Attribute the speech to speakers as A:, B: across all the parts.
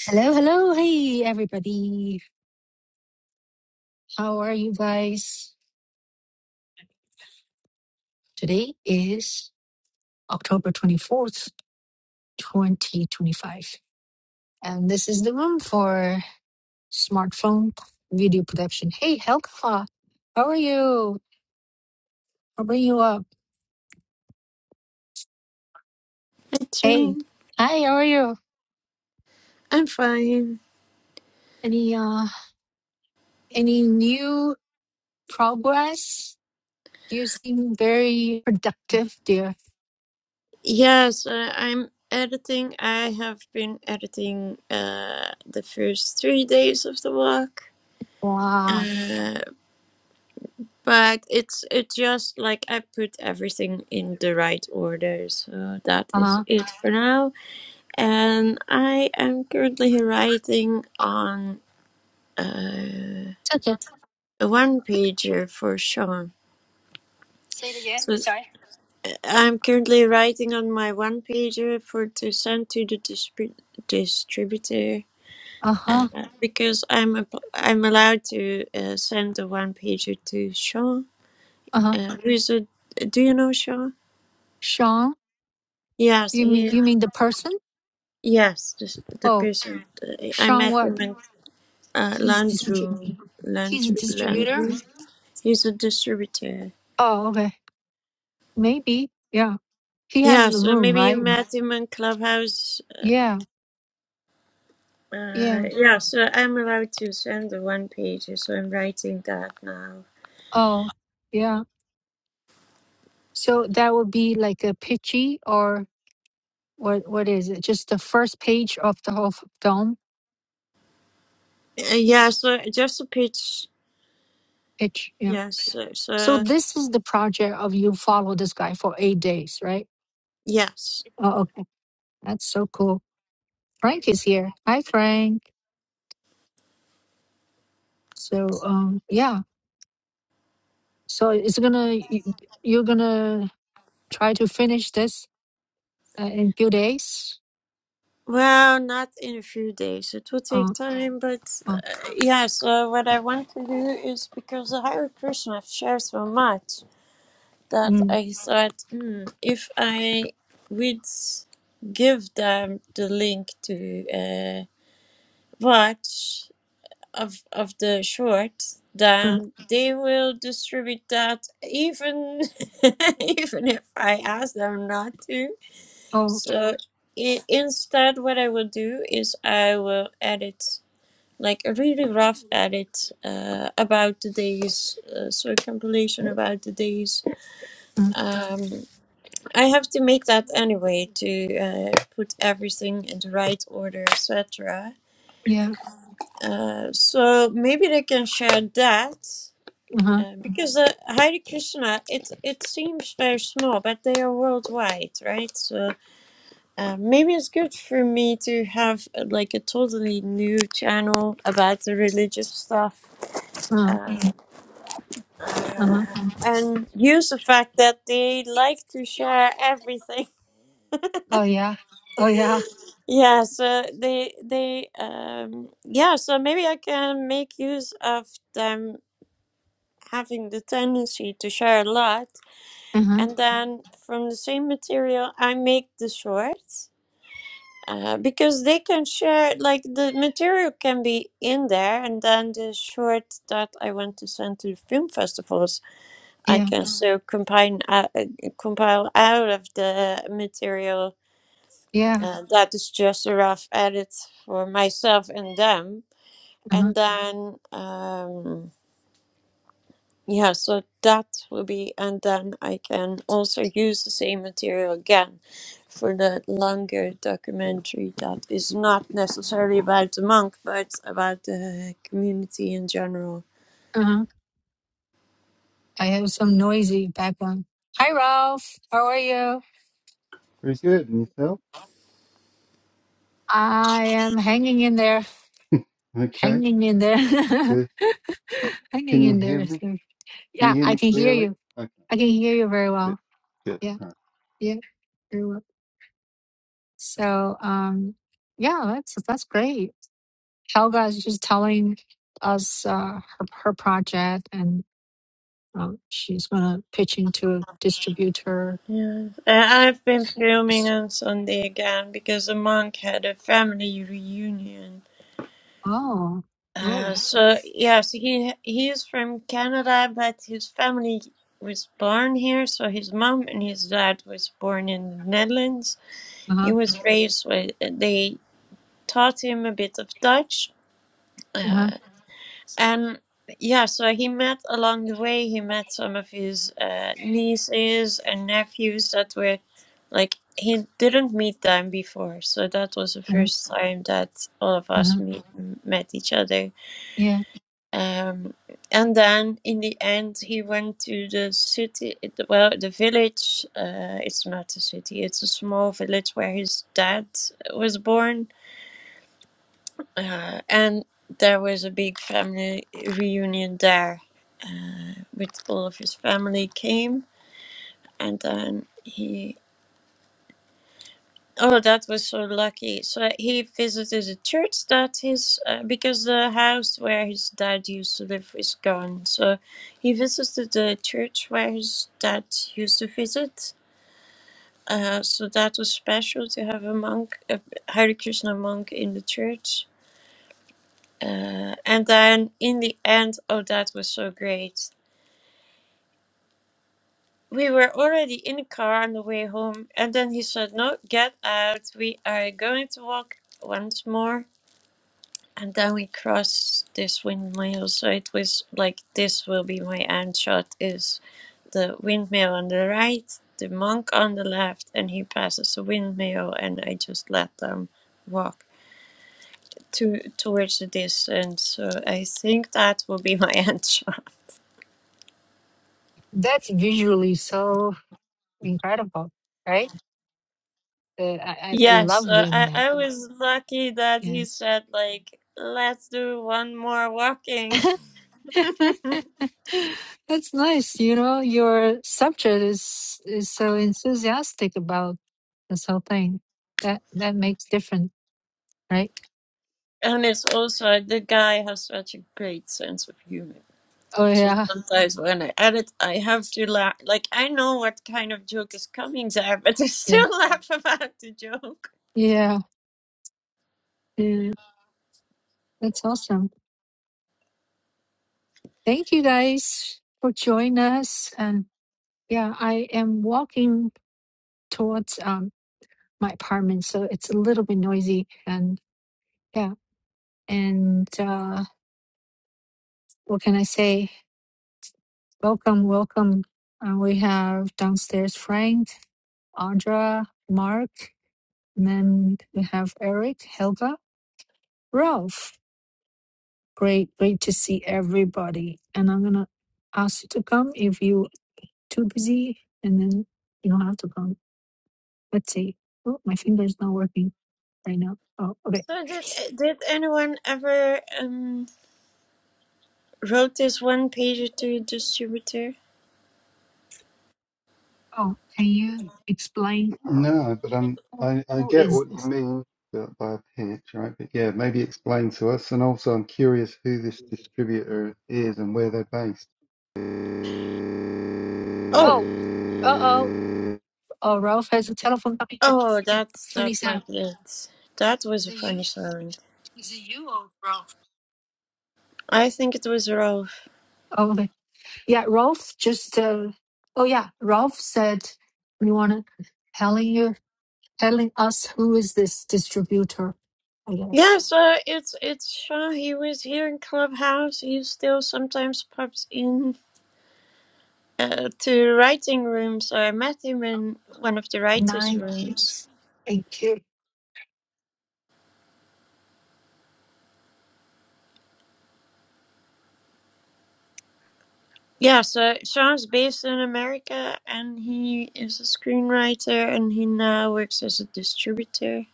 A: Hello, hello. Hey, everybody. How are you guys? Today is October 24th, 2025. And this is the room for smartphone video production. Hey, Helga. How are you? I'll bring you up.
B: Hi,
A: Hey.
B: Jane.
A: Hi, how are you?
B: I'm fine.
A: Any, uh, any new progress? You seem very productive, dear.
B: Yes, uh, I'm editing. I have been editing uh, the first three days of the walk,
A: Wow.
B: uh, but it's it just like I put everything in the right order. So that
A: Uh
B: is
A: huh.
B: it for now. And I am currently writing on uh,
A: It's okay.
B: a one pager for Sean.
A: Say it again.
B: So.
A: Sorry.
B: I'm currently writing on my one pager for to send to the distrib- distributor
A: Uh
B: uh,
A: huh.
B: because I'm a, I'm allowed to uh, send the one pager to Sean.
A: Uh huh.
B: Uh, who is a do you know Sean?
A: Sean?
B: Yes,
A: You mean
B: he
A: you mean the person?
B: yes the, the
A: Oh,
B: person uh, I
A: Sean
B: met him
A: what?
B: in uh,
A: He's distrib-
B: Landroom
A: he's a
B: Landroom
A: distributor?
B: Landroom. He's a distributor.
A: Oh, okay. Maybe. Yeah. He has
B: Yeah,
A: the
B: so
A: room,
B: maybe you
A: right?
B: met him in Clubhouse uh,
A: Yeah.
B: Uh,
A: Yeah.
B: yeah, so I'm allowed to send the one page, so I'm writing that now.
A: Oh, yeah. So that would be like a pitchy or what what is it? Just the first page of the whole f- dome
B: Uh, yeah, so just a page.
A: pitch. Yeah.
B: Yes, so,
A: So
B: so
A: this is the project of you follow this guy for eight days, right?
B: yes.
A: Oh, okay. That's so cool. Frank is here. Hi Frank. So um yeah. So it's gonna you- you're gonna try to finish this uh, in few days.
B: Well, not in a few days. It will take
A: Uh,
B: time, but
A: uh,
B: uh, yeah. So what I want to do is because the higher person I've shared so much that
A: mm,
B: I thought, hmm, if I would give them the link to uh, watch. of of the short,
A: uh,
B: then they will distribute that even even if I ask them not to.
A: oh,
B: So i instead, what I will do is I will edit like a really rough edit uh, about the days, uh, so a compilation about the days.
A: uh,
B: Um, I have to make that anyway to uh, put everything in the right order, etc.
A: yeah.
B: Uh, so maybe they can share that
A: Uh huh.
B: Uh, because uh, Hare Krishna, it it seems very small, but they are worldwide, right? So uh, maybe it's good for me to have uh, like a totally new channel about the religious stuff, uh,
A: Uh huh.
B: Mm. and use the fact that they like to share everything.
A: Oh yeah. Oh yeah.
B: Yeah, so they they um yeah, so maybe I can make use of them having the tendency to share a lot
A: Uh huh.
B: and then from the same material i make the shorts uh, because they can share like the material can be in there and then the short that i want to send to the film festivals i
A: Yeah.
B: can Mhm. so combine uh, uh, compile out of the material
A: Yeah.
B: uh, that is just a rough edit for myself and them
A: Uh huh.
B: and Mhm. then um, Yeah, so that will be, and then I can also use the same material again for the longer documentary that is not necessarily about the monk, but about the community in general.
A: Uh huh. I have some noisy background. Hi, Ralph. How are you?
C: Very good. And yourself?
A: I am hanging in there.
C: Okay,
A: Hanging in there.
C: good.
A: hanging
C: Can you
A: in
C: hear
A: there.
C: me?
A: So,
C: Can you
A: yeah,
C: hear
A: I
C: me
A: can hear
C: clearly?
A: you.
C: Okay,
A: I can hear you very well.
C: good, good.
A: yeah,
C: All right.
A: yeah. very well. So, um, yeah, that's that's great. Helga is just telling us uh, her her project, and um, she's gonna pitch into a distributor.
B: Yeah, I- I've been
A: So-
B: filming
A: s-
B: on Sunday again because the monk had a family reunion.
A: Oh, oh,
B: Uh, so yes, he he is from Canada, but his family was born here. So his mom and his dad was born in the Netherlands
A: uh
B: He
A: huh,
B: was raised with, they taught him a bit of Dutch.
A: uh huh,
B: Uh, and yeah, so he met along the way, he met some of his uh, nieces and nephews that were like, he didn't meet them before. So that was the
A: uh huh.
B: first time that all of us
A: uh-huh.
B: meet, met each other.
A: Yeah,
B: Um, and then in the end, he went to the city, well, the village. Uh, it's not a city, it's a small village where his dad was born Uh, and there was a big family reunion there uh, with all of his family came and then he oh that was so lucky so he visited a church that his uh, because the house where his dad used to live is gone so he visited the church where his dad used to visit uh, so that was special to have a monk a hare krishna monk in the church Uh, and then in the end, oh, that was so great. We were already in the car on the way home, and then he said, No, get out. We are going to walk once more. And then we crossed this windmill. So it was like, This will be my end shot is the windmill on the right, the monk on the left, and he passes the windmill, and I just let them walk to towards the distance. So I think that will be my end shot.
A: that's visually so incredible, right? Uh, I I I
B: Yes,
A: love
B: uh, I,
A: women.
B: I was lucky that
A: Yeah.
B: he said, like, let's do one more walking. and
A: That's nice. You know, your subject is is so enthusiastic about this whole thing. That that makes different, right?
B: it's also, uh, the guy has such a great sense of humor.
A: Oh
B: So
A: yeah.
B: sometimes when I edit, I have to laugh. Like, I know what kind of joke is coming there, but I
A: Yeah.
B: still laugh about the joke.
A: Yeah. Yeah. That's awesome. Thank you guys for joining us. And yeah, I am walking towards um my apartment, so it's a little bit noisy and yeah. And uh what can I say? Welcome, welcome. Uh, we have downstairs Frank Audra, Mark, and then we have Eric, Helga, Ralph. Great, great to see everybody. And I'm gonna ask you to come if you too busy, and then you don't have to come. Let's see. Oh, my finger's not working right now. Oh, okay.
B: So did, eh, did anyone ever um, wrote this one pager to a distributor?
A: Oh, can you explain
C: No, but um,
A: who,
C: I, I
A: who
C: get
A: is
C: what you
A: this?
C: mean by by a pitch, right? But yeah, maybe explain to us. And also, I'm curious who this distributor is and where they're based.
B: Oh,
A: Oh, uh oh. Oh, Ralph has a telephone coming in.
B: oh,
A: It's funny,
B: that's, that
A: funny sound.
B: might be it. That was
A: Is
B: a
A: it you?
B: funny story.
A: Is it you or Ralph?
B: I think it was Rolf.
A: Oh, okay. Yeah, Rolf just. Uh, oh yeah, Rolf said you want to telling you telling us who is this distributor? I guess
B: Yes, uh, it's it's Sean. He was here in Clubhouse. He still sometimes pops in uh, to writing rooms. I met him in one of the writers'
A: nine.
B: rooms.
A: weeks. Thank you.
B: Yeah, so Sean's based in America, and he is a screenwriter, and he now works as a distributor.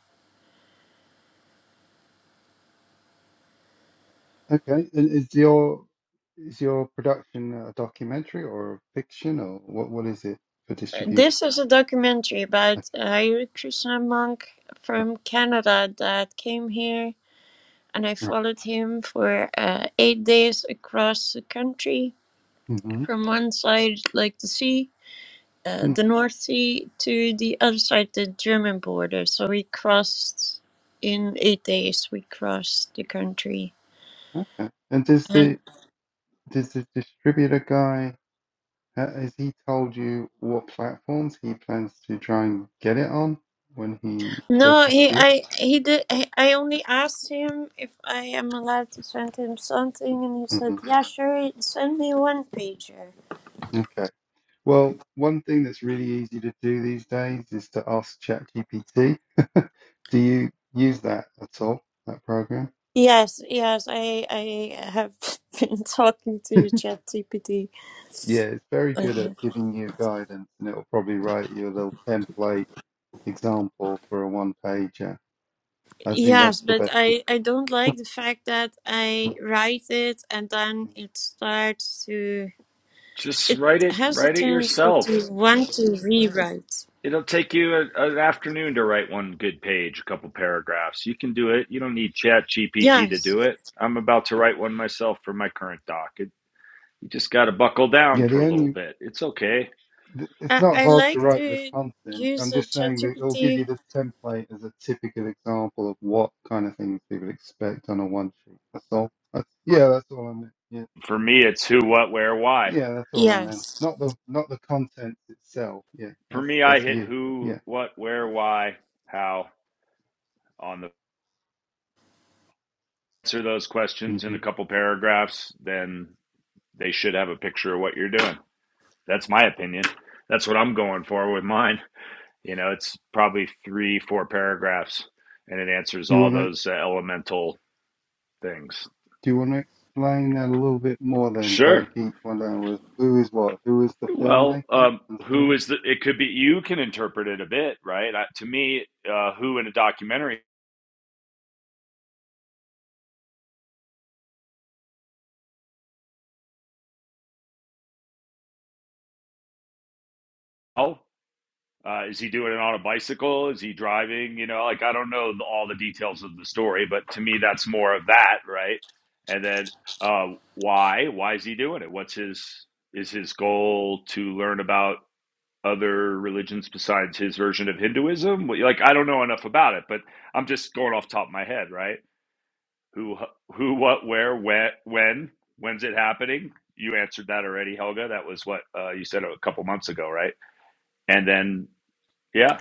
C: Okay, and is your is your production a documentary or fiction or what? What is it for
B: Uh,
C: distribution?
B: This is a documentary about
C: Okay,
B: a Hare Krishna monk
C: right,
B: from Canada that came here and I
C: right.
B: followed him for uh, eight days across the country
C: Mm-hmm.
B: from one side, like the sea, uh,
C: Mm-hmm.
B: the North Sea, to the other side, the German border. So we crossed in eight days. We crossed the country.
C: Okay. And does the
B: And
C: does the distributor guy? Uh, Has he told you what platforms he plans to try and get it on when he does
B: no,
C: this
B: he,
C: deal?
B: I, he did. I, I only asked him if I am allowed to send him something, and he said,
C: hmm
B: "Yeah, sure. Send me one pager."
C: Okay. Well, one thing that's really easy to do these days is to ask ChatGPT. Do you use that at all, that program?
B: Yes, yes, I, I have been talking to ChatGPT.
C: Yeah, it's very good at giving you guidance and it'll probably write you a little template example for a one pager. I think
B: Yes,
C: that's the
B: but
C: best
B: I I
C: advice.
B: don't like the fact that I
C: Mm,
B: write it and then
C: mm.
B: it starts to
D: Just
B: it
D: write it,
B: has a
D: write it
B: tendency
D: yourself.
B: to want to rewrite.
D: It'll take you a, an afternoon to write one good page, a couple paragraphs. You can do it. You don't need Chat GPT to do
B: Yes,
D: it. I'm about to write one myself for my current doc. It, you just got to buckle down
C: Yeah, the
D: for a little
C: only
D: bit. It's okay.
C: th- it's
B: I
C: not
B: I
C: hard to
B: like
C: write the
B: to
C: content.
B: use
C: I'm
B: a
C: just saying that it'll give you
B: ChatGPT.
C: the template as a typical example of what kind of things people expect on a one sheet. That's all. That's, yeah, that's all I meant. Yeah,
D: For me, it's who, what, where, why.
C: yeah, that's all I meant.
B: Yes,
C: Not the not the content itself. Yeah,
D: For
C: that's
D: me, I
C: that's
D: hit
C: you.
D: who,
C: Yeah.
D: what, where,
C: Okay.
D: why, how on the answer those
C: hmm
D: questions in
C: Do
D: a couple paragraphs. Then they should have a picture of what you're doing. That's my opinion. That's what I'm going for with mine. You know, it's probably three, four paragraphs, and it answers
C: you
D: all
C: want to
D: those uh, elemental things.
C: do you want to explain that a little bit more? Then
D: Sure.
C: break each one down with who is what, who is the filmmaker,
D: Well, um,
C: and so
D: who
C: on.
D: is the? It could be you can interpret it a bit, right? I, to me, uh, who in a documentary? Oh, uh, is he doing it on a bicycle? Is he driving? You know, like I don't know the, all the details of the story, but to me, that's more of that, right? And then uh, why? Why is he doing it? What's his? Is his goal to learn about other religions besides his version of Hinduism? Well, Like I don't know enough about it, but I'm just going off the top of my head, right? Who, who, what, where, when, when, when's it happening? You answered that already, Helga. That was what uh, you said a couple months ago, right? And then, yeah,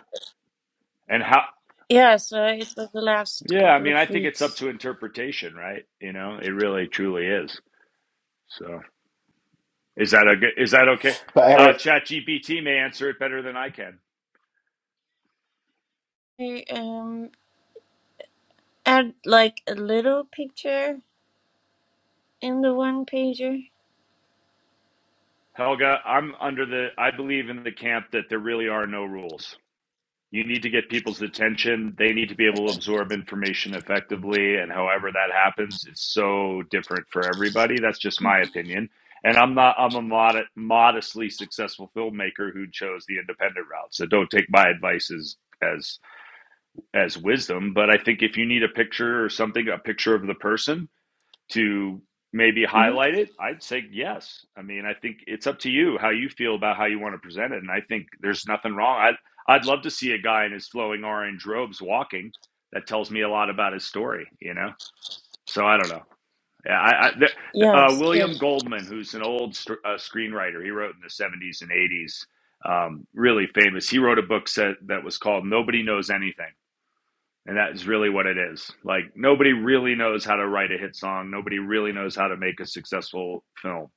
D: and how?
B: yeah. So it was the last
D: Yeah, I
B: couple
D: mean, I
B: of
D: think it's up
B: weeks.
D: to interpretation, right? You know, it really truly is. So, is that a good? Is that okay?
E: But
D: Uh,
E: Eric,
D: Chat may answer it better than I can.
B: I um add like a little picture in the one pager.
D: Helga, I'm under the. I believe in the camp that there really are no rules. you need to get people's attention. They need to be able to absorb information effectively. And however that happens, it's so different for everybody. That's just my opinion. And I'm not, I'm a mod- modestly successful filmmaker who chose the independent route. So don't take my advice as, as, as wisdom. But I think if you need a picture or something, a picture of the person, to maybe
B: hmm
D: highlight it, I'd say yes. I mean, I think it's up to you how you feel about how you want to present it, and I think there's nothing wrong. I'd I'd love to see a guy in his flowing orange robes walking. That tells me a lot about his story, you know. So I don't know. Yeah, I, I, uh,
B: Yes.
D: William
B: Yeah.
D: Goldman, who's an old st- uh, screenwriter, he wrote in the 70s and 80s, um, really famous. He wrote a book set, that was called "Nobody Knows Anything." And that's really what it is. Like nobody really knows how to write a hit song. Nobody really knows how to make a successful film.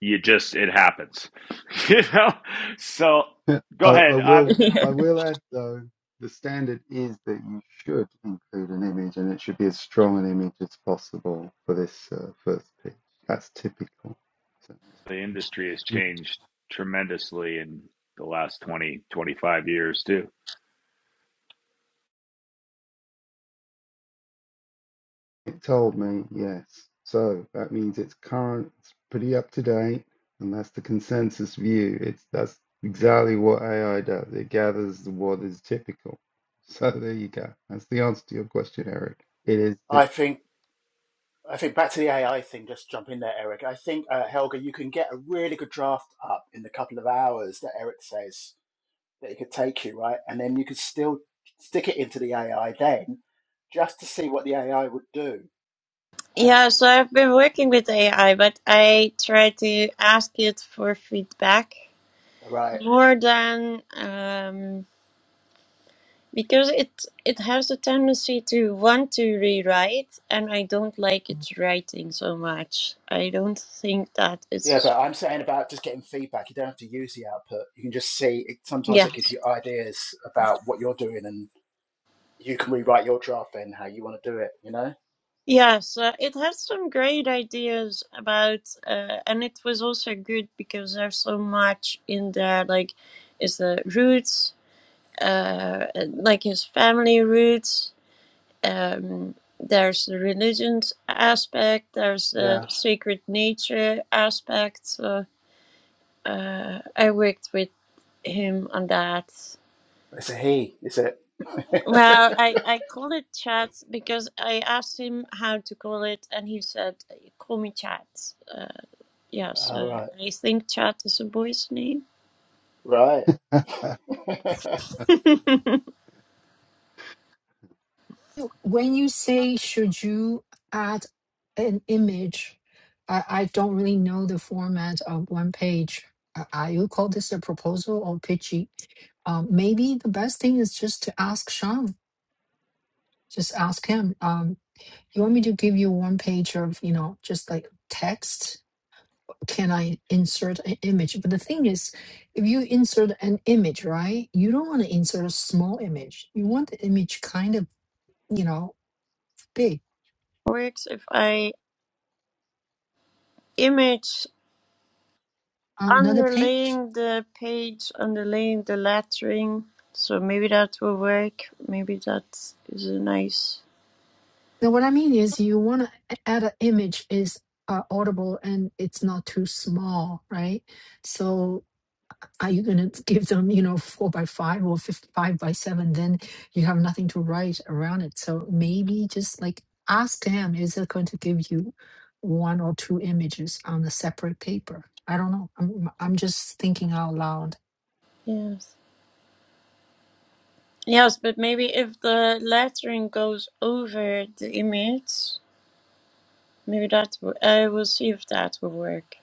D: You just it happens. you know? So
C: Yeah,
D: go
C: I,
D: ahead.
C: I
D: I,
C: will I will add though the standard is that you should include an image and it should be as strong an image as possible for this uh, first pitch. That's typical. So,
D: the industry has
C: yeah. Mhm.
D: changed tremendously in the last 20 25 years too.
C: It told me yes. So that means it's current, it's pretty up to date, and that's the consensus view. It's that's exactly what AI does. It gathers what is typical. So there you go. That's the answer to your question, Eric. It is
E: I think I think back to the AI thing. Just jump in there, Eric. I think uh, Helga, you can get a really good draft up in the couple of hours that Eric says that it could take you, right? And then you could still stick it into the AI then, just to see what the AI would do. And
B: Yeah, so I've been working with AI, but I try to ask it for feedback
E: right,
B: more than um, because it it has a tendency to want to rewrite, and I don't like its writing so much. I don't think that
E: yeah.
B: it's
E: But I'm saying about just getting feedback. You don't have to use the output. You can just see. It, sometimes it gives
B: yes.
E: you ideas about what you're doing, and you can rewrite your draft then how you want to do it. You know?
B: Yes, uh, it has some great ideas about, uh, and it was also good because there's so much in there, like is the roots, uh, and, like his family roots, um, there's the religions aspect, there's the
E: Yeah.
B: sacred nature aspect. So uh, I worked with him on that.
E: It's a he. Is it?
B: Well, I, I call it chat because I asked him how to call it, and he said, "Call me chat." Uh, yeah,
E: All
B: so
E: right.
B: I think chat is a boy's name.
E: Right.
C: typical
A: When you say should you add an image, I, I don't really know the format of one page. Uh, Are you call this a proposal or pitchy? Um, maybe the best thing is just to ask Sean. Just ask him. Um, You want me to give you one page of, you know, just like text? Can I insert an image? But the thing is, if you insert an image, right, you don't want to insert a small image. You want the image kind of, you know, big
B: Works if I image.
A: on another page.
B: underlaying the page, underlaying the lettering. So maybe that will work. Maybe that is a nice
A: Now, what I mean is, you want to add an image is uh, audible and it's not too small, right? So are you going to give them you know four by five or fifty-five by seven then you have nothing to write around it so maybe just like ask them is it going to give you one or two images on a separate paper i don't know i'm, I'm just thinking out loud
B: yes. Yes, but maybe if the lettering goes over the image, maybe that w- I will see if that will work.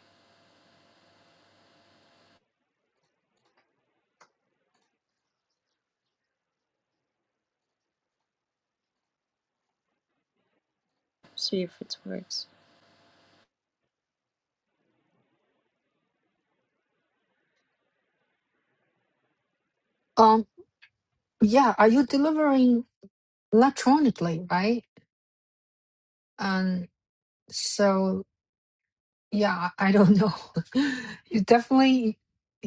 B: See if it works.
A: um yeah are you delivering electronically right um so Yeah, I don't know. You definitely,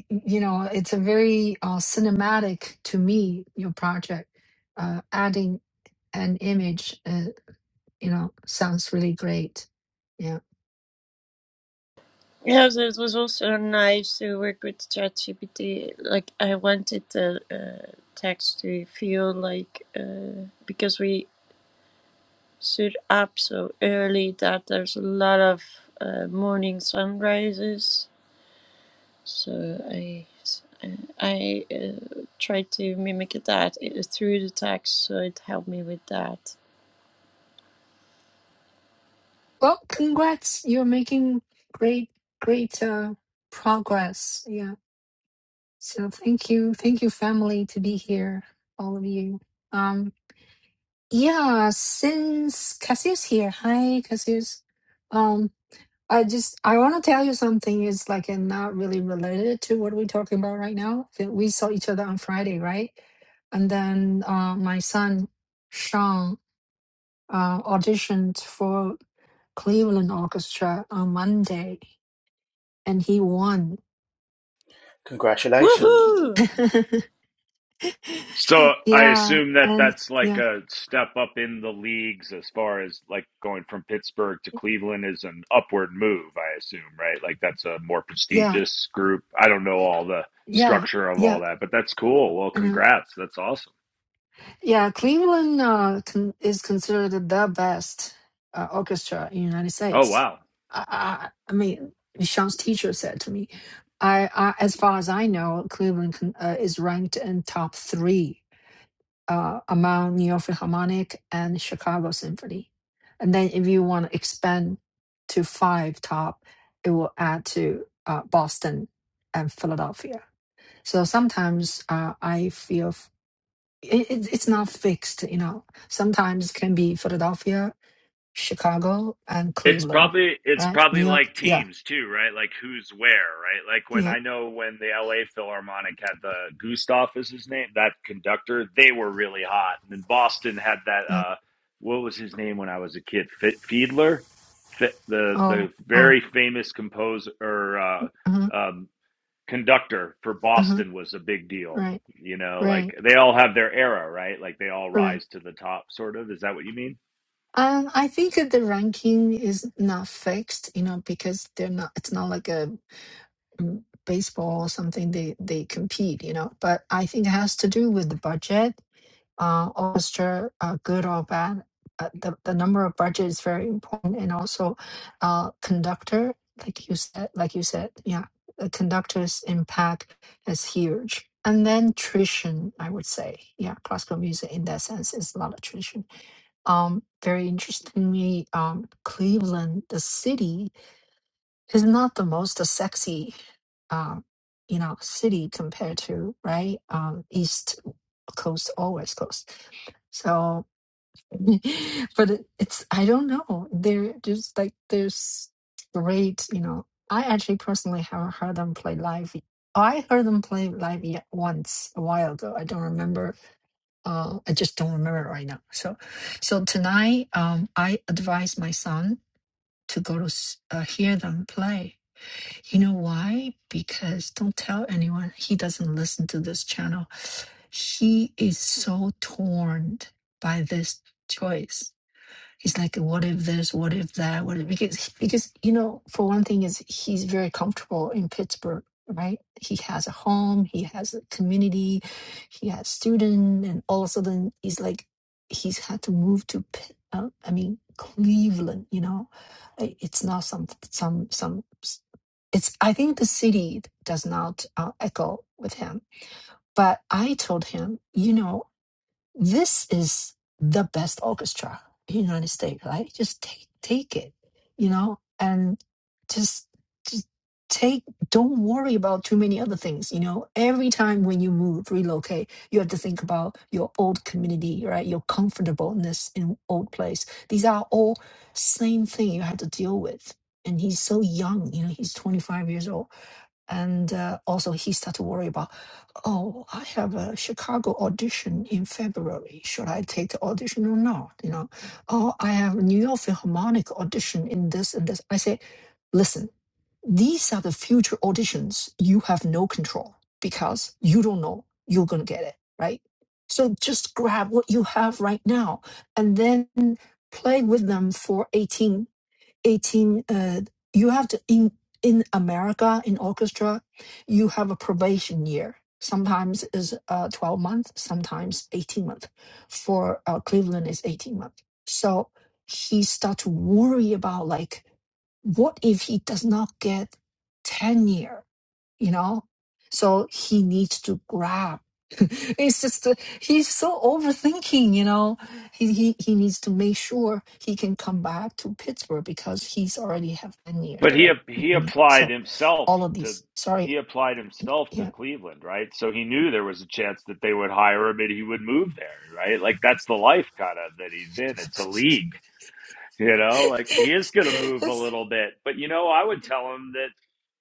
A: you know, it's a very uh, cinematic to me, your project. Uh, adding an image, uh, you know, sounds really great. Yeah.
B: Yes, it was also nice to work with ChatGPT. Like I wanted the uh, text to feel like uh, because we stood up so early that there's a lot of uh, morning sunrises. So I I uh, tried to mimic that uh, through the text, so it helped me with that.
A: Well, congrats. You're making great, great uh, progress. Yeah. So thank you. Thank you, family, to be here, all of you. Um, yeah, since Cassius here. Hi, Cassius. Um. I just I want to tell you something is like and not really related to what we're talking about right now. That We saw each other on Friday, right? And then uh, my son Sean uh, auditioned for Cleveland Orchestra on Monday, and he won.
E: Congratulations.
B: Woohoo!
D: So I
A: yeah,
D: assume that
A: and
D: that's like
A: yeah,
D: a step up in the leagues as far as like going from Pittsburgh to Cleveland is an upward move, I assume, right? Like that's a more
A: yeah,
D: prestigious group. I don't know all the
A: yeah,
D: structure of all
A: yeah.
D: that, but that's cool. Well,
A: And uh,
D: congrats. That's awesome.
A: Yeah, Cleveland uh, con- is considered the best uh, orchestra in the United
D: Oh,
A: States.
D: wow.
A: I, I, I mean, Sean's teacher said to me, I, I as far as I know, Cleveland con- uh, is ranked in top three uh, among New York Philharmonic and Chicago Symphony. And then if you want to expand to five top, it will add to uh, Boston and Philadelphia. So sometimes uh, I feel it, it, it's not fixed, you know. Sometimes can be Philadelphia, Chicago, and
D: It's
A: Cleveland,
D: probably it's
A: right? New
D: probably
A: York,
D: like
A: yeah,
D: teams too, right? Like who's where, right? Like when
A: yeah.
D: I know when the LA Philharmonic had the Gustav is his name, that conductor, they were really hot. And then Boston had that
A: Uh,
D: uh what was his name when I was a kid? F- Fiedler, F- the
A: oh,
D: the
A: oh,
D: very famous composer or uh
A: uh-huh,
D: um conductor for
A: uh-huh,
D: Boston was a big deal.
A: right,
D: You know,
A: right,
D: like they all have their era, right? Like they all
A: right.
D: rise to the top sort of. Is that what you mean?
A: Um, I think that the ranking is not fixed, you know, because they're not. It's not like a mm, baseball or something. They they compete, you know. But I think it has to do with the budget uh, orchestra, uh, good or bad. Uh, the, the number of budget is very important, and also uh, conductor, like you said, like you said, yeah, the conductor's impact is huge. And then tradition, I would say, yeah, classical music in that sense is a lot of tradition. Um, very interestingly, um, Cleveland, the city, is not the most sexy, um, you know, city compared to right um, East Coast or West Coast. So but it, it's I don't know. They're just like there's great, you know. I actually personally haven't heard them play live. yet. I heard them play live yet once a while ago. I don't remember. Uh, I just don't remember right now. So, so tonight, um, I advise my son to go to s- uh, hear them play. You know why? Because don't tell anyone. He doesn't listen to this channel. He is so torn by this choice He's like, what if this? What if that? What if, because because you know, for one thing, is he's very comfortable in Pittsburgh, right? He has a home, he has a community, he has student, and all of a sudden, he's like, he's had to move to, Pitt- uh, I mean, Cleveland. You know, I- it's not some some some. It's I think the city does not uh, echo with him. But I told him, you know this is the best orchestra in the United States, right? Just take take it, you know, and just just take don't worry about too many other things you know every time when you move relocate you have to think about your old community right your comfortableness in old place these are all same thing you have to deal with and he's so young you know he's 25 years old and uh, also he started to worry about oh i have a chicago audition in february should i take the audition or not you know oh i have a new york philharmonic audition in this and this i say listen these are the future auditions you have no control because you don't know you're going to get it right so just grab what you have right now and then play with them for 18 18 uh, you have to in in america in orchestra you have a probation year sometimes is uh, 12 month sometimes 18 month for uh, cleveland is 18 month so he start to worry about like what if he does not get tenure? you know so he needs to grab it's just uh, he's so overthinking you know he, he he needs to make sure he can come back to pittsburgh because he's already have 10 years
D: But he
A: there
D: ap-
A: you know
D: he
A: what I mean?
D: applied
A: so
D: himself
A: all of
D: to
A: these sorry
D: he applied himself to
A: yeah
D: Cleveland, right? So he knew there was a chance that they would hire him and he would move there, right? Like that's the life kind of that he's in. It's a league, you know. Like he is going to move a
A: That's-
D: little bit, but you know, I would tell him that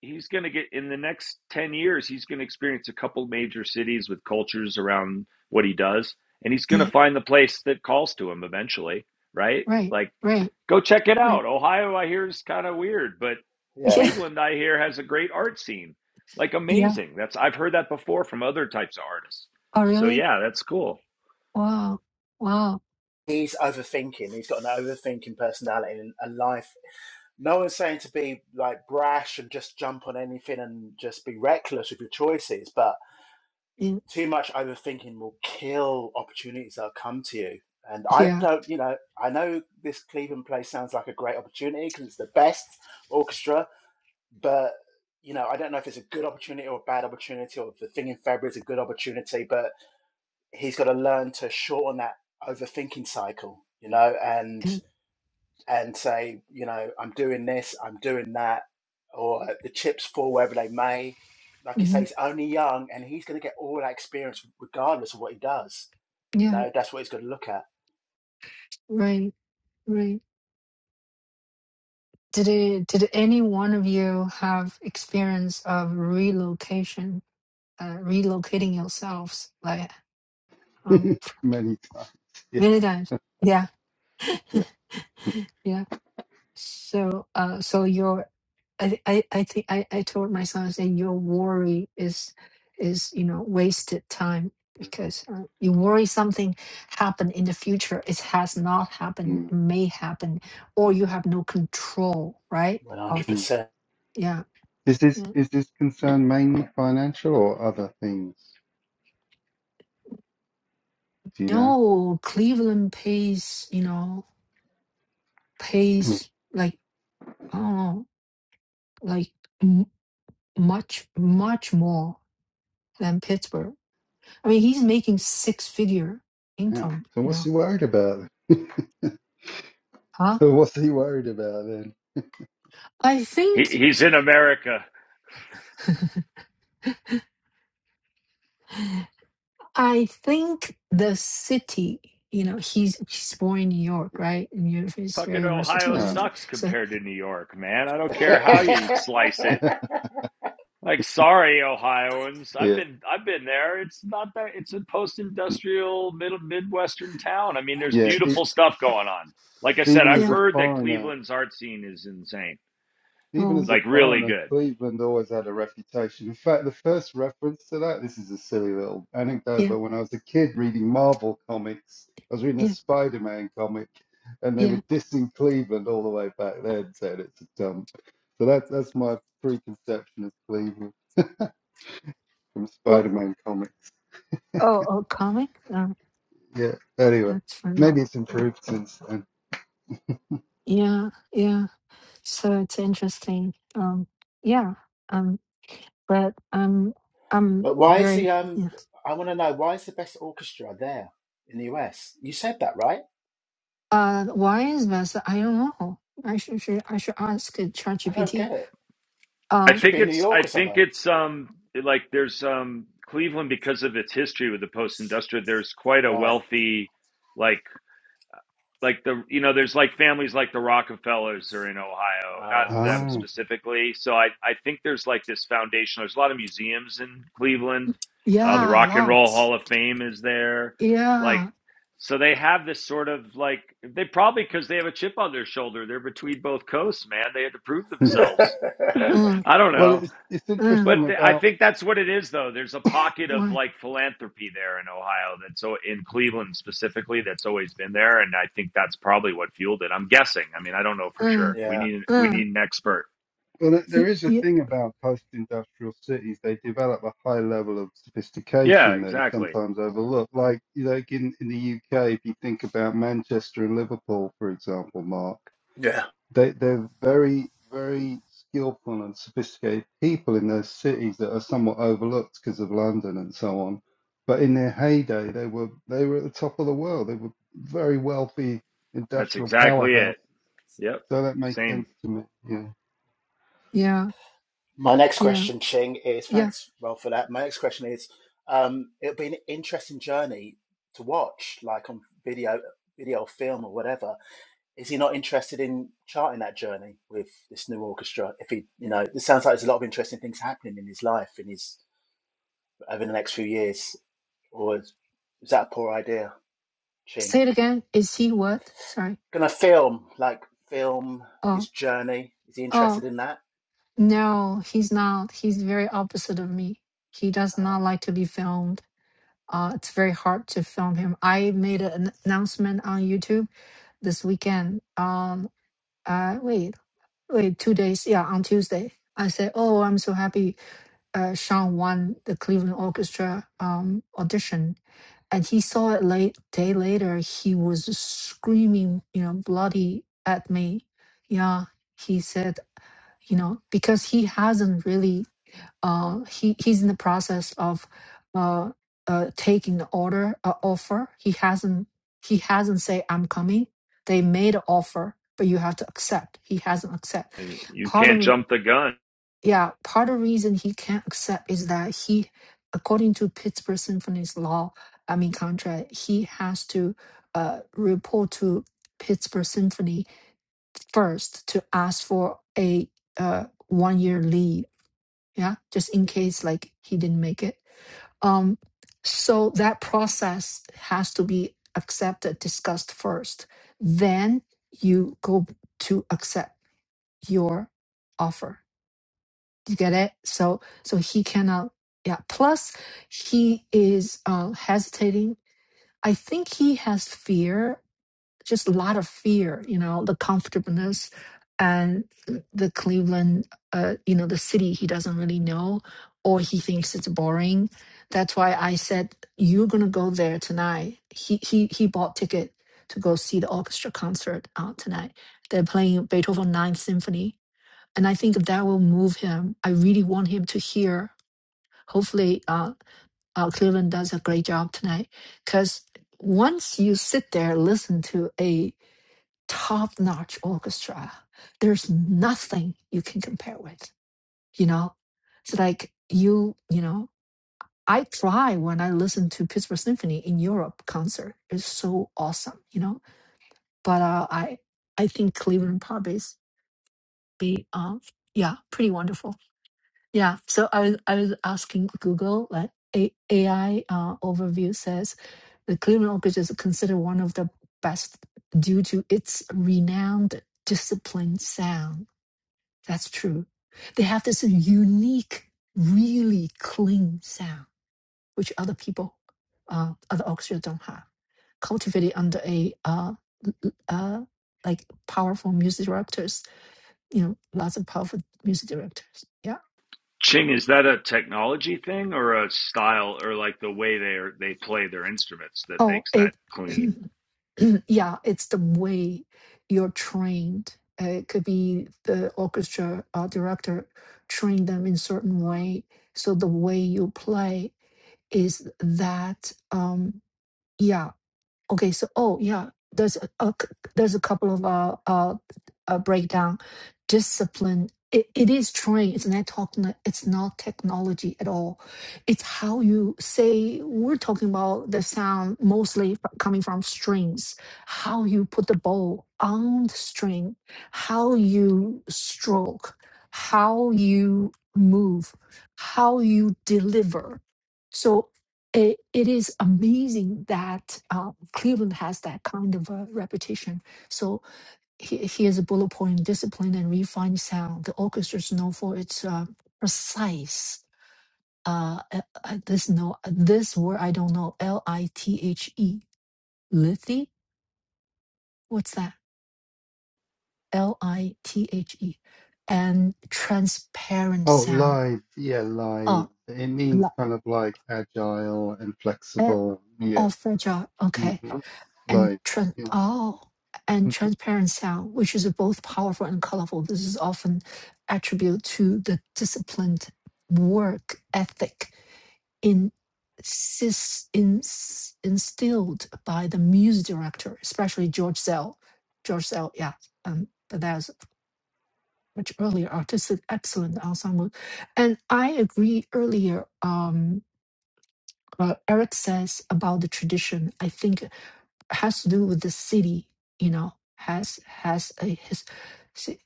D: he's going to get in the next ten years. He's going to experience a couple major cities with cultures around what he does, and he's going to
A: yeah
D: find the place that calls to him eventually, right?
A: right
D: Like.
A: right
D: Go check it
A: right
D: out. Ohio, I hear, is kind of weird, but
E: Yeah.
A: yeah
D: Cleveland, I hear, has a great art scene. Like
A: yeah
D: amazing. That's I've heard that before from other types of artists.
A: oh
D: So
A: really
D: yeah, that's cool.
A: wow wow
E: He's overthinking. He's got an overthinking personality and a life. No one's saying to be like brash and just jump on anything and just be reckless with your choices, but
A: yeah
E: too much overthinking will kill opportunities that'll come to you. And I
A: yeah
E: don't, you know, I know this Cleveland place sounds like a great opportunity because it's the best orchestra, but you know, I don't know if it's a good opportunity or a bad opportunity, or if the thing in February is a good opportunity. But he's got to learn to shorten that overthinking cycle, you know, and
A: yeah,
E: and say, you know, I'm doing this, I'm doing that, or uh, the chips fall wherever they may. Like you say,
A: hmm
E: he's only young, and he's going to get all that experience regardless of what he does. You
A: yeah
E: know, that's what he's going to look at.
A: right right Did it, did any one of you have experience of relocation, uh, relocating yourselves? Like, um,
C: many times. Yeah.
A: many times. Yeah.
C: Yeah.
A: Yeah. So, uh, so your, I, I, I think I, I told my son, I said, your worry is, is, you know, wasted time because uh, you worry something happen in the future. It has not happened,
C: Mm.
A: may happen, or
C: Yeah.
A: you have no control, right?
E: One hundred
A: Of,
C: Hmm.
E: percent.
A: yeah.
C: Is
A: yeah.
C: this is this concern mainly financial or other things? Do you know?
A: No, Cleveland pays, you know, pays like, I don't know, like m much, much more than Pittsburgh. I mean, he's making six figure
C: Yeah.
A: income,
C: So
A: you
C: what's
A: know,
C: he worried about?
A: huh?
C: So what's he worried about then?
A: I
D: He,
A: think,
D: he's in America.
A: I think the city, you know, he's he's born in New York, right? And New York is
D: Fucking
A: very
D: Ohio
A: versatile, and th-
D: sucks
C: Yeah.
A: so
D: compared to New York, man. I don't care how you slice it. Like, sorry, Ohioans. I've
C: yeah.
D: been I've been there. It's not that it's a post-industrial middle midwestern town. I mean, there's
C: Yeah. E-
D: beautiful stuff going on. Like I said,
C: even
D: I've
C: as a
A: yeah,
D: heard that
C: foreigner.
D: Cleveland's art scene is insane.
C: Even as
A: oh
C: a
D: like really
C: foreigner,
D: good.
C: Cleveland always had a reputation. In fact, the first reference to that, this is a silly little anecdote,
A: yeah,
C: but when I was a kid reading Marvel comics, I was reading a
A: yeah,
C: Spider Man comic, and they
A: yeah.
C: were dissing Cleveland all the way back then, saying it's a dump. So that, that's my preconception of Cleveland from
A: Well,
C: Spider Man comics.
A: oh, oh, comic, oh,
C: Yeah, anyway,
A: that's funny.
C: maybe it's improved since then.
A: Yeah, yeah. So it's interesting. Um, yeah, um, but um, I'm
E: But why is the
A: very
E: um?
A: yeah.
E: I want to know why is the best orchestra there in the US? You said that right?
A: Uh, why is that? I don't know. I should, should I should ask uh,
E: I don't
A: ChatGPT.
E: get it. It
D: I
A: Uh,
E: should be
D: think
E: in New
D: it's I
E: York or
D: think
E: somewhere,
D: it's um like there's um Cleveland because of its history with the post industrial. There's quite a
E: right?
D: wealthy like like the you know there's like families like the rockefellers are in ohio not
E: Uh,
D: them
C: Ah.
D: specifically so i i think there's like this foundation. there's a lot of museums in cleveland uh, the
A: yeah,
D: rock and roll
A: lots.
D: hall of fame is there like
A: Yeah.
D: so they have this sort of like they probably because they have a chip on their shoulder they're between both coasts man they had to prove themselves
A: Uh,
D: i don't
C: Well,
D: know
C: it's, it's
A: uh,
C: interesting
D: but th- I
C: about
D: think that's what it is, though. There's a pocket of
A: what?
D: like philanthropy there in Ohio that's o- in Cleveland specifically that's always been there, and I think that's probably what fueled it. I'm guessing. I mean, I don't know for
A: Uh,
D: sure. We
E: Yeah,
D: need we
A: uh,
D: need an expert.
C: Well, th- there
A: y-
C: is a
A: y-
C: thing about post-industrial cities. They develop a high level of
D: Yeah,
C: sophistication that is
D: exactly.
C: sometimes overlooked. Like, you know, like in, in the UK, if you think about Manchester and Liverpool, for example, Mark,
E: yeah.
C: they, they're very, very skillful and sophisticated people in those cities that are somewhat overlooked because of London and so on. But in their heyday, they were they were at the top of the world. They were very wealthy
D: That's
C: industrial
D: exactly
C: powerhouse.
D: it. Yep.
C: So that makes
D: Same.
C: sense to me. yeah.
A: yeah,
E: My next
A: yeah,
E: question, Ching, is
A: yeah.
E: thanks, Rob, for that. My next question is, um, it'll be an interesting journey to watch, like on video, video, or film, or whatever. Is he not interested in charting that journey with this new orchestra? If he, you know, it sounds like there's a lot of interesting things happening in his life in his over the next few years. Or is, is that a poor idea, Ching?
A: Say it again. Is he what? Sorry.
E: Gonna film, like film his
A: Oh,
E: journey. Is he
A: oh,
E: interested in that?
A: no, he's not. He's very opposite of me. He does
E: Uh,
A: not like to be filmed Uh, it's very hard to film him. I made an announcement on YouTube this weekend. Um, uh, wait, wait, two days. Yeah, on Tuesday, I said, "Oh, I'm so happy. Uh, Sean won the Cleveland Orchestra um audition, and he saw it late day later. He was screaming, you know, bloody at me. Yeah, he said, you know, because he hasn't really." Uh, he he's in the process of uh, uh, taking the order uh, offer. He hasn't he hasn't say I'm coming. They made an offer, but you have to accept. He hasn't accept.
D: You
A: Part
D: can't
A: of
D: jump the gun.
A: yeah, part of the reason he can't accept is that he, according to Pittsburgh Symphony's law, I mean contract, he has to uh, report to Pittsburgh Symphony first to ask for a uh, one year leave yeah just in case like he didn't make it um so that process has to be accepted discussed first then you go to accept your offer you get it so so he cannot yeah plus he is uh hesitating i think he has fear just a lot of fear, you know, the comfortableness and the Cleveland, uh, you know, the city he doesn't really know or he thinks it's boring. That's why I said you're gonna go there tonight. He he he bought ticket to go see the orchestra concert out tonight. They're playing Beethoven Ninth Symphony, and I think that will move him. I really want him to hear. Hopefully, uh, uh, Cleveland does a great job tonight because once you sit there, listen to a top notch orchestra. There's nothing you can compare with, you know? It's like you, you know, I cry when I listen to Pittsburgh Symphony in Europe concert. It's so awesome, you know? But uh, I I think Cleveland Pub is be um yeah, pretty wonderful. Yeah. So I was I was asking Google, like A- AI uh, overview says, the Cleveland Orchid is considered one of the best due to its renowned disciplined sound. That's true. They have this unique, really clean sound, which other people, uh, other orchestra don't have. Cultivated under a uh, l- l- uh, like powerful music directors, you know, lots of powerful music directors. Yeah.
D: Ching, is that a technology thing or a style or like the way they are, they play their instruments that
A: Oh,
D: makes that
A: it.
D: clean?
A: yeah, it's the way you're trained. Uh, it could be the orchestra uh, director trained them in certain way. So the way you play is that. Um, yeah, Okay, so oh yeah, there's a, a c- there's a couple of uh uh, uh breakdown. Discipline it, it is trained. It's not talking. It's not technology at all. It's how you say. We're talking about the sound mostly f- coming from strings. How you put the bow on the string. How you stroke. How you move. How you deliver. So it, it is amazing that uh, Cleveland has that kind of a reputation. So he- here's a bullet point: discipline and refined sound. The orchestra is known for its uh, precise. Uh, uh, uh, this no, this word I don't know. L I T H E, lithy. What's that? L I T H E, and transparent
C: Oh,
A: sound.
C: live. Yeah, live.
A: Oh,
C: It means
A: la,
C: kind of like agile and
A: eh,
C: flexible. Yeah.
A: oh, fragile.
C: hmm
A: Okay and
C: Like,
A: trans
C: yeah,
A: oh and
C: you
A: transparent sound, which is both powerful and colorful. This is often attributed to the disciplined work ethic in sis, in, instilled by the music director, especially George Zell. George Zell, yeah. Um, but that was much earlier, artistic excellent ensemble. And I agree earlier, um, uh, Eric says about the tradition. I think has to do with the city, you know, has has a his, si-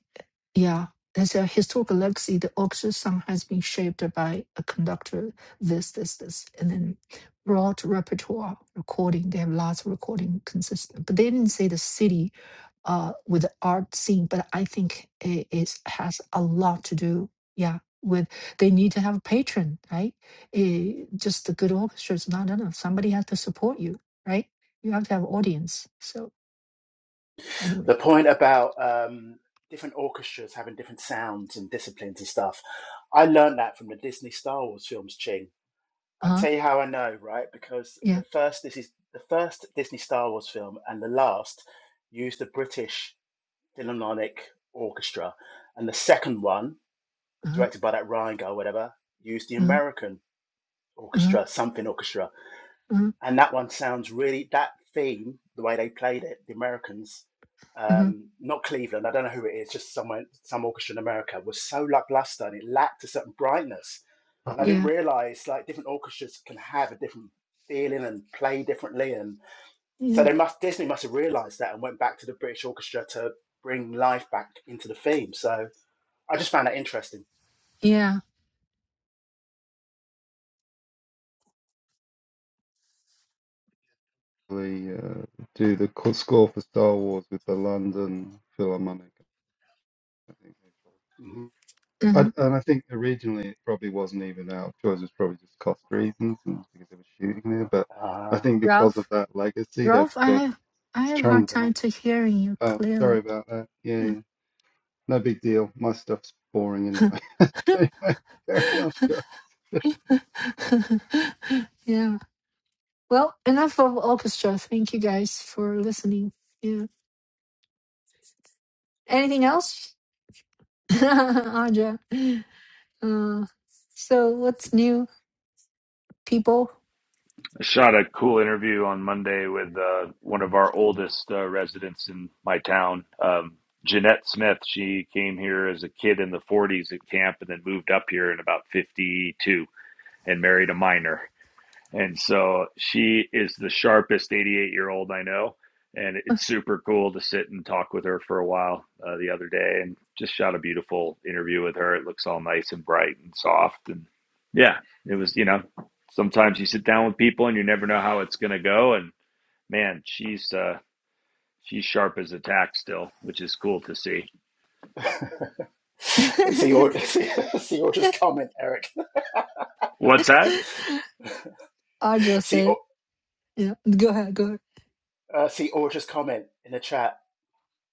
A: yeah, there's a historical legacy. The orchestra song has been shaped by a conductor, this, this, this, and then broad repertoire recording. They have lots of recording consistent, but they didn't say the city uh, with the art scene, but I think it is, has a lot to do. Yeah, with they need to have a patron, right? Eh, just the good orchestra is not enough. Somebody has to support you, right? You have to have audience. So anyway,
E: the point about um, different orchestras having different sounds and disciplines and stuff. I learned that from the Disney Star Wars films, Ching.
A: uh
E: I
A: huh,
E: tell you how I know, right? Because
A: yeah,
E: the first this is the first Disney Star Wars film and the last used the British Philharmonic Orchestra, and the second one,
A: uh huh,
E: directed by that Ryan guy, or whatever, used the
A: uh
E: American
A: huh,
E: orchestra, something orchestra
A: uh huh,
E: and that one sounds really that theme the way they played it the americans
A: uh
E: um not cleveland i don't know who it is just somewhere some orchestra in america was so lackluster and it lacked a certain brightness and i
C: can
E: didn't
A: yeah,
E: realize like different orchestras can have a different feeling and play differently and so
A: yeah,
E: they must disney must have realized that and went back to the british orchestra to bring life back into the theme so i just found that interesting
A: yeah.
C: probably uh, do the co- score for Star Wars with the London Philharmonic. I think.
E: Mhm.
A: uh
C: And,
A: huh.
C: and I think originally it probably wasn't even out. Choice was probably just cost reasons and because they were shooting there. But I
E: uh,
C: think because of
A: Ralph,
C: that legacy, they've,
A: Ralph, I
C: they've
A: have, I have a hard
C: trained them
A: time
C: up.
A: to hearing you
C: Oh,
A: clearly.
C: sorry about that. Yeah, yeah.
A: Yeah.
C: No big deal. My stuff's boring anyway. Anyway, Carry on.
A: Yeah, Well, enough of orchestra. Thank you guys for listening. Yeah. Anything else? Anja. Uh, so what's new, people?
D: I shot a cool interview on Monday with uh, one of our oldest uh, residents in my town, um, Jeanette Smith. She came here as a kid in the 40s at camp and then moved up here in about 52 and married a miner. And so she is the sharpest 88 year old I know. And it's super cool to sit and talk with her for a while uh, the other day and just shot a beautiful interview with her. It looks all nice and bright and soft. And yeah, it was, you know, sometimes you sit down with people and you never know how it's going to go. And man, she's, uh, she's sharp as a tack still, which is cool to see.
E: see your see, see your just comment eric
D: What's that?
A: Anja
E: see
A: said, yeah, go ahead, go ahead.
E: Uh, see Orja's comment in the chat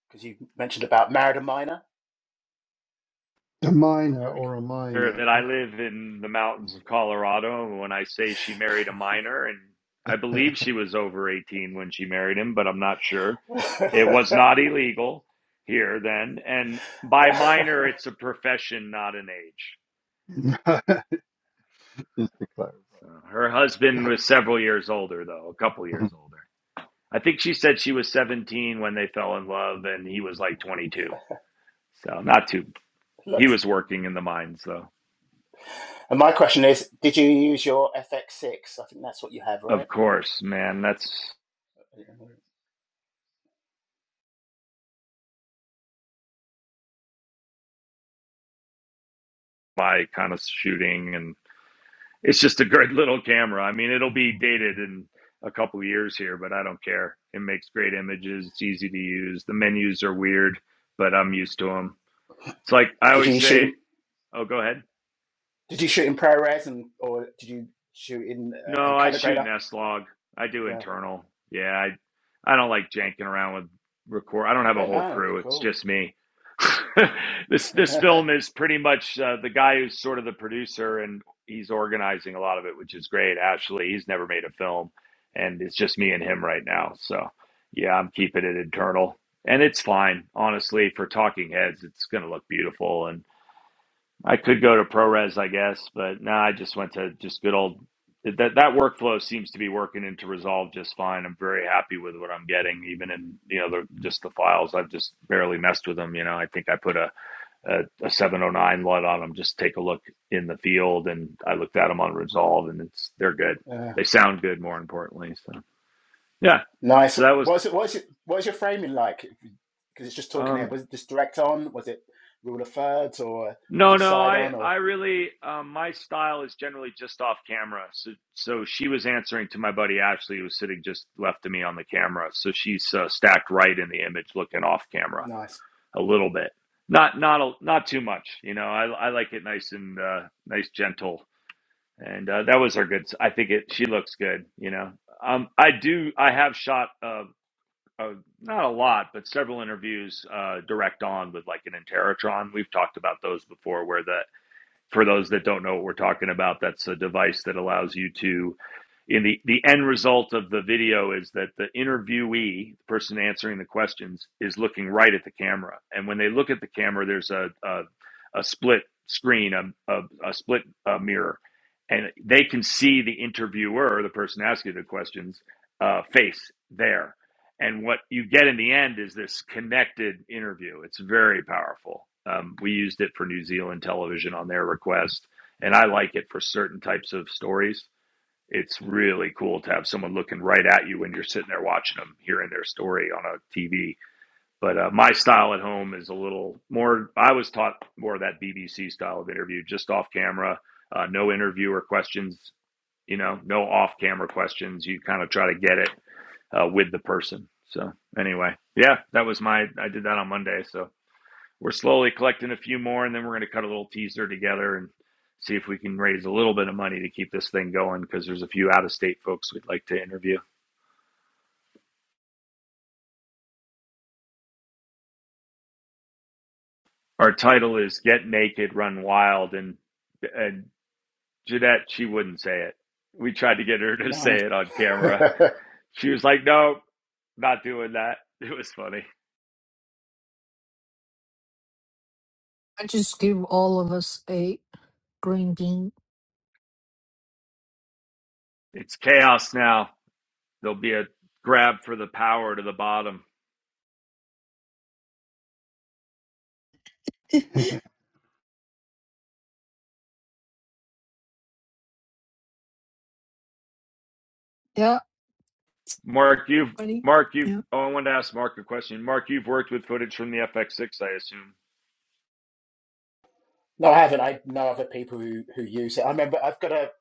E: because you mentioned about married a minor,
C: A minor
E: Eric.
C: or a
D: her
C: minor.
D: that I live in the mountains of Colorado. When I say she married a minor, and I believe she was over 18 when she married him, but I'm not sure. It was not illegal here then. And by minor, it's a profession, not an age.
C: Okay. Just to
D: So
C: clarify.
D: her husband was several years older, though, a couple years older. I think she said she was 17 when they fell in love, and he was like 22. So not too.
E: Look,
D: He was working in the mines, though.
E: and my question is: Did you use your FX6? I think that's what you have, right?
D: Of course, man. That's my kind of shooting and It's just a great little camera. I mean, it'll be dated in a couple of years here, but I don't care. It makes great images. It's easy to use. The menus are weird, but I'm used to them. It's like I
E: Did you
D: always
E: shoot?
D: say. Oh, go ahead.
E: Did you shoot in ProRes and or did you shoot in uh, and
D: No, I
E: color
D: shoot
E: grader?
D: an S log. I do
E: Yeah.
D: internal. Yeah, I I don't like janking around with record. I don't have a
E: Yeah.
D: whole
E: No.
D: crew. It's
E: Cool.
D: just me. this this film is pretty much uh, the guy who's sort of the producer and he's organizing a lot of it, which is great. Actually, he's never made a film, and it's just me and him right now. So yeah, I'm keeping it internal, and it's fine. Honestly, for talking heads, it's going to look beautiful, and. I could go to ProRes, I guess, but no, I just went to just good old that that workflow seems to be working into Resolve just fine. I'm very happy with what I'm getting, even in you know the, just the files. I've just barely messed with them. You know, I think I put a a, a 709 LUT on them. Just take a look in the field, and I looked at them on Resolve, and it's they're good.
E: Yeah.
D: They sound good, more importantly. So yeah,
E: nice.
D: so that was.
E: What's it? What's it? What's your framing like? Because it's just talking here.
D: Um,
E: Was it just direct on? Was it rule of thirds or was
D: No,
E: it
D: no,
E: side
D: I,
E: on? Or
D: I really, um, my style is generally just off camera. So, so she was answering to my buddy Ashley, who was sitting just left of me on the camera. So she's uh, stacked right in the image, looking off camera
E: nice.
D: a little bit, not, not, a, not too much. You know, I, I like it nice and uh, nice, gentle, and uh, that was her good. I think it. She looks good. You know, um, I do. I have shot uh, uh, not a lot, but several interviews uh, direct on with like an Interatron. We've talked about those before, where the for those that don't know what we're talking about, that's a device that allows you to in the the end result of the video is that the interviewee, the person answering the questions, is looking right at the camera, and when they look at the camera, there's a a, a split screen, a a, a split uh, mirror, and they can see the interviewer, the person asking the questions, uh, face there and what you get in the end is this connected interview. It's very powerful. Um, we used it for New Zealand television on their request, and I like it for certain types of stories. It's really cool to have someone looking right at you when you're sitting there watching them, hearing their story on a TV. But uh, my style at home is a little more. I was taught more of that BBC style of interview, just off camera, uh, no interviewer questions. You know, no off camera questions. You kind of try to get it uh, with the person. So anyway, yeah, that was my. I did that on Monday. So we're slowly collecting a few more, and then we're going to cut a little teaser together and see if we can raise a little bit of money to keep this thing going because there's a few out of state folks we'd like to interview. Our title is "Get Naked, Run Wild," and and Jeanette she wouldn't say it. We tried to get her to
E: No.
D: say it on camera.
E: no,
D: She was like, "No, not doing that." It was funny.
A: I just give all of us a green bean.
D: It's chaos now. There'll be a grab for the power to the bottom
A: yeah,
D: Mark, you've
A: buddy.
D: Mark, you've
A: Yeah,
D: oh, I wanted to ask Mark a question. Mark, you've worked with footage from the FX6, I assume.
E: I haven't. I know other people who, who use it. I remember I've got a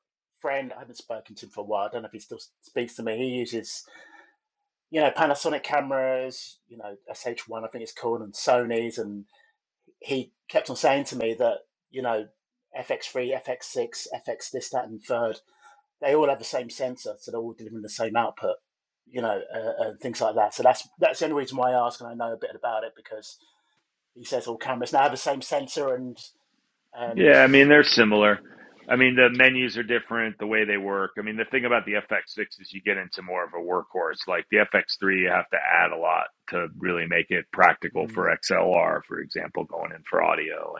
E: friend, I haven't spoken to him for a while. I don't know if he still speaks to me. He uses, you know, Panasonic cameras, you know, SH1, I think it's called, and Sony's. And he kept on saying to me that, you know, FX3, FX6, FX this, that, and third, they all have the same sensor. So they're all delivering the same output, you know, uh, and things like that. So that's, that's the only reason why I ask and I know a bit about it because he says all cameras now have the same sensor and And
D: Yeah, I mean they're similar. I mean the menus are different, the way they work. I mean the thing about the FX6 is you get into more of a workhorse. Like the FX3, you have to add a lot to really make it practical
E: mm,
D: for XLR, for example, going in for audio. and.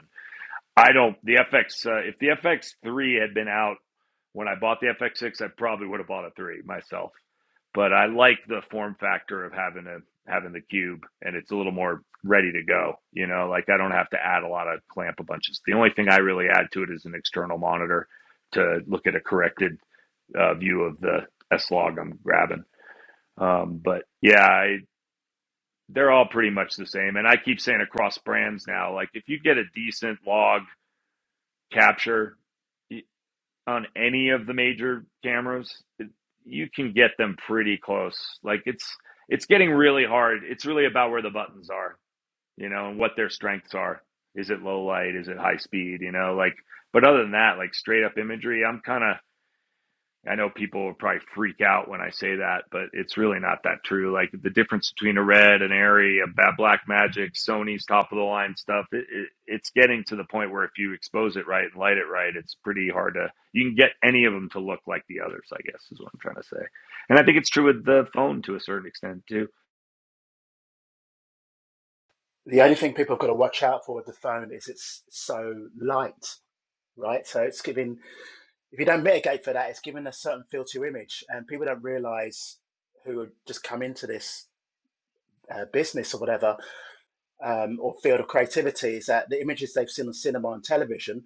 D: I don't. The FX, uh, if the FX three had been out when I bought the FX six, I probably would have bought a three myself. But I like the form factor of having a having the cube, and it's a little more ready to go. You know, like I don't have to add a lot of clamp a bunches. The only thing I really add to it is an external monitor to look at a corrected uh, view of the S log I'm grabbing. Um, but yeah, I, they're all pretty much the same. And I keep saying across brands now, like if you get a decent log capture on any of the major cameras, it, you can get them pretty close. Like it's it's getting really hard. It's really about where the buttons are, you know, and what their strengths are. Is it low light? Is it high speed? You know, like. But other than that, like straight up imagery, I'm kind of I know people will probably freak out when I say that, but it's really not that true. Like the difference between a red, an airy, a black magic, Sony's top of the line stuff, it, it, it's getting to the point where if you expose it right and light it right, it's pretty hard to. You can get any of them to look like the others. I guess is what I'm trying to say, and I think it's true with the phone to a certain extent too.
E: the only thing people have got to watch out for with the phone is it's so light, right? So it's giving, if you don't mitigate for that, it's giving a certain feel to your image. And people don't realize who have just come into this uh, business or whatever, um, or field of creativity, is that the images they've seen on cinema and television,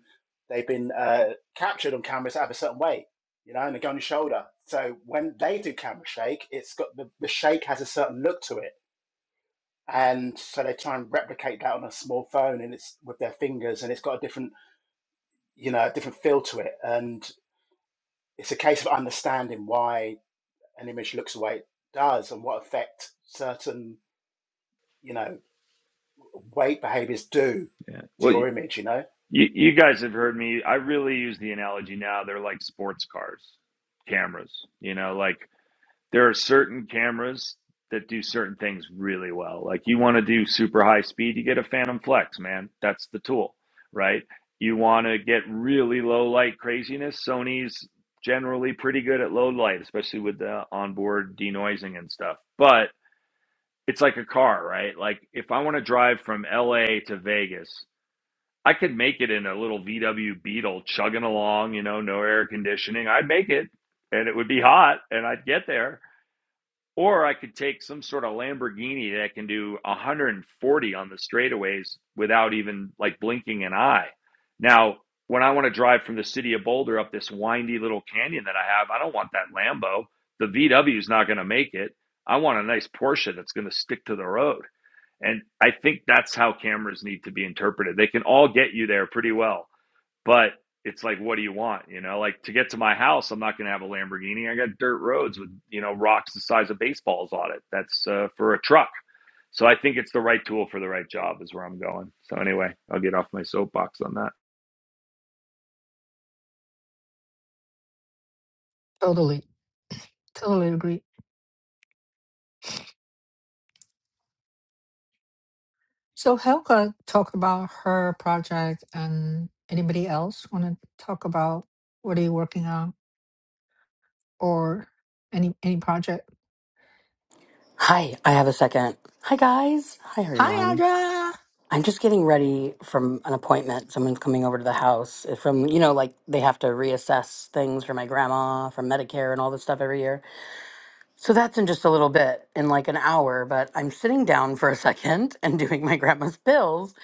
E: they've been uh, captured on cameras that have a certain weight, you know, and they go on your shoulder. So when they do camera shake, it's got the, the shake has a certain look to it and so they try and replicate that on a small phone and it's with their fingers and it's got a different you know a different feel to it and it's a case of understanding why an image looks the way it does and what effect certain you know weight behaviors do
D: Yeah.
E: to
D: Well,
E: your
D: you,
E: image you know
D: you you guys have heard me. I really use the analogy now. They're like sports cars, cameras. You know, like. there are certain cameras that do certain things really well. Like you want to do super high speed, you get a Phantom Flex, man. That's the tool, right? You want to get really low light craziness. Sony's generally pretty good at low light, especially with the onboard denoising and stuff. But it's like a car, right? Like if I want to drive from LA to Vegas, I could make it in a little VW Beetle chugging along, you know, no air conditioning. I'd make it and it would be hot and I'd get there or I could take some sort of Lamborghini that can do 140 on the straightaways without even like blinking an eye. Now, when I want to drive from the city of Boulder up this windy little canyon that I have, I don't want that Lambo. The VW is not going to make it. I want a nice Porsche that's going to stick to the road. And I think that's how cameras need to be interpreted. They can all get you there pretty well but it's like what do you want you know like to get to my house i'm not going to have a lamborghini i got dirt roads with you know rocks the size of baseballs on it that's uh, for a truck so i think it's the right tool for the right job is where i'm going so anyway i'll get off my soapbox on that
A: totally. Totally agree. So Helga talked about her project and anybody else want to talk about what are you working on? or any any project.
F: Hi, I have a second. Hi, guys. Hi,
A: Hi,
F: everyone.
A: Audra.
F: I'm just getting ready from an appointment. Someone's coming over to the house eh, from, you know, like they have to reassess things for my grandma, from Medicare and all this stuff every year. So that's in just a little bit, in like an hour, but I'm sitting down for a second and doing my grandma's bills.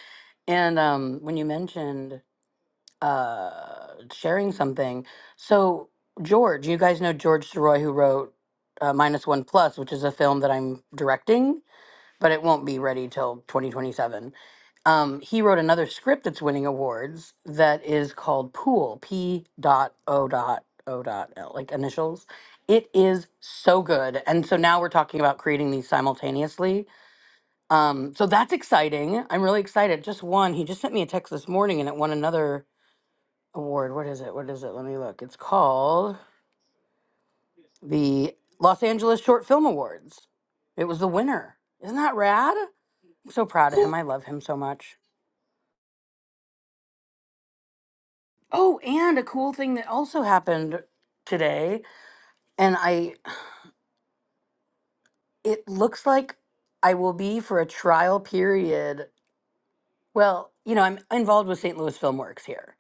F: And um, when you mentioned uh, sharing something, so George, you guys know George Soroy, who wrote uh, Minus One Plus, which is a film that I'm directing but it won't be ready till 2027. Um, he wrote another script that's winning awards that is called Pool, P dot O dot O dot L, like initials. It is so good. And so now we're talking about creating these simultaneously. Um, so that's exciting. I'm really excited. Just one, he just sent me a text this morning and it won another award. What is it? What is it? Let me look. It's called the Los Angeles Short Film Awards. It was the winner. Isn't that rad? I'm so proud of
A: Ooh,
F: him. I love him so much. Oh, and a cool thing that also happened today, and I it looks like I will be for a trial period. Well, you know, I'm involved with St. Louis Filmworks here.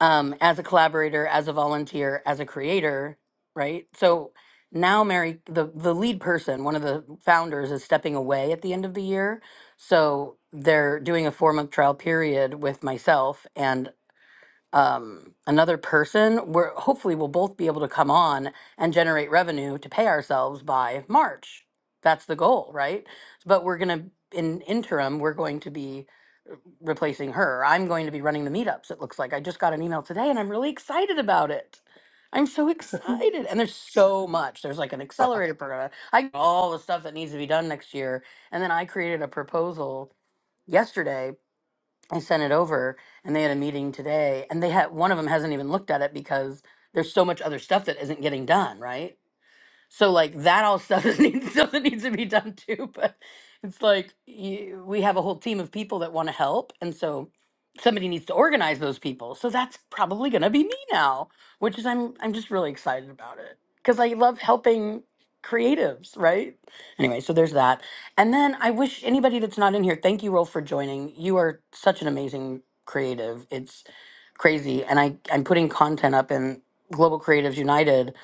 F: Um, as a collaborator, as a volunteer, as a creator, right? So now Mary the the lead person, one of the founders is stepping away at the end of the year. So they're doing a four month trial period with myself and. um, another person, we're hopefully we'll both be able to come on and generate revenue to pay ourselves by March. That's the goal, right? But we're gonna in interim, we're going to be uh, replacing her. I'm going to be running the meetups. It looks like I just got an email today, and I'm really excited about it. I'm so excited, and there's so much. There's like an accelerator program. I all the stuff that needs to be done next year, and then I created a proposal yesterday I sent it over and they had a meeting today and they had one of them hasn't even looked at it because there's so much other stuff that isn't getting done, right? So like that all stuff that needs, stuff that needs to be done too. But it's like you, we have a whole team of people that want to help, and so somebody needs to organize those people. So that's probably gonna be me now, which is I'm I'm just really excited about it because I love helping creatives, right? Anyway, so there's that. And then I wish anybody that's not in here, thank you, Rolf, for joining. You are such an amazing creative. It's crazy, and I I'm putting content up in Global Creatives United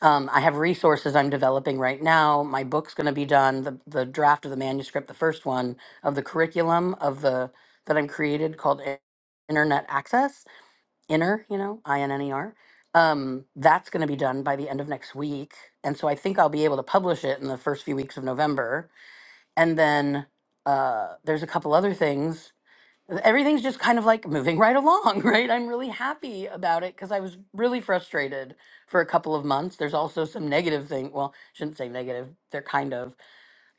F: um, I have resources I'm developing right now. My book's going to be done. The, the draft of the manuscript, the first one of the curriculum of the that I'm created called I- Internet Access. Inner, you know, I N N E R. Um, that's going to be done by the end of next week, and so I think I'll be able to publish it in the first few weeks of November. And then uh, there's a couple other things everything's just kind of like moving right along, right? I'm really happy about it because I was really frustrated for a couple of months. There's also some negative thing. Well, I shouldn't say negative. They're kind of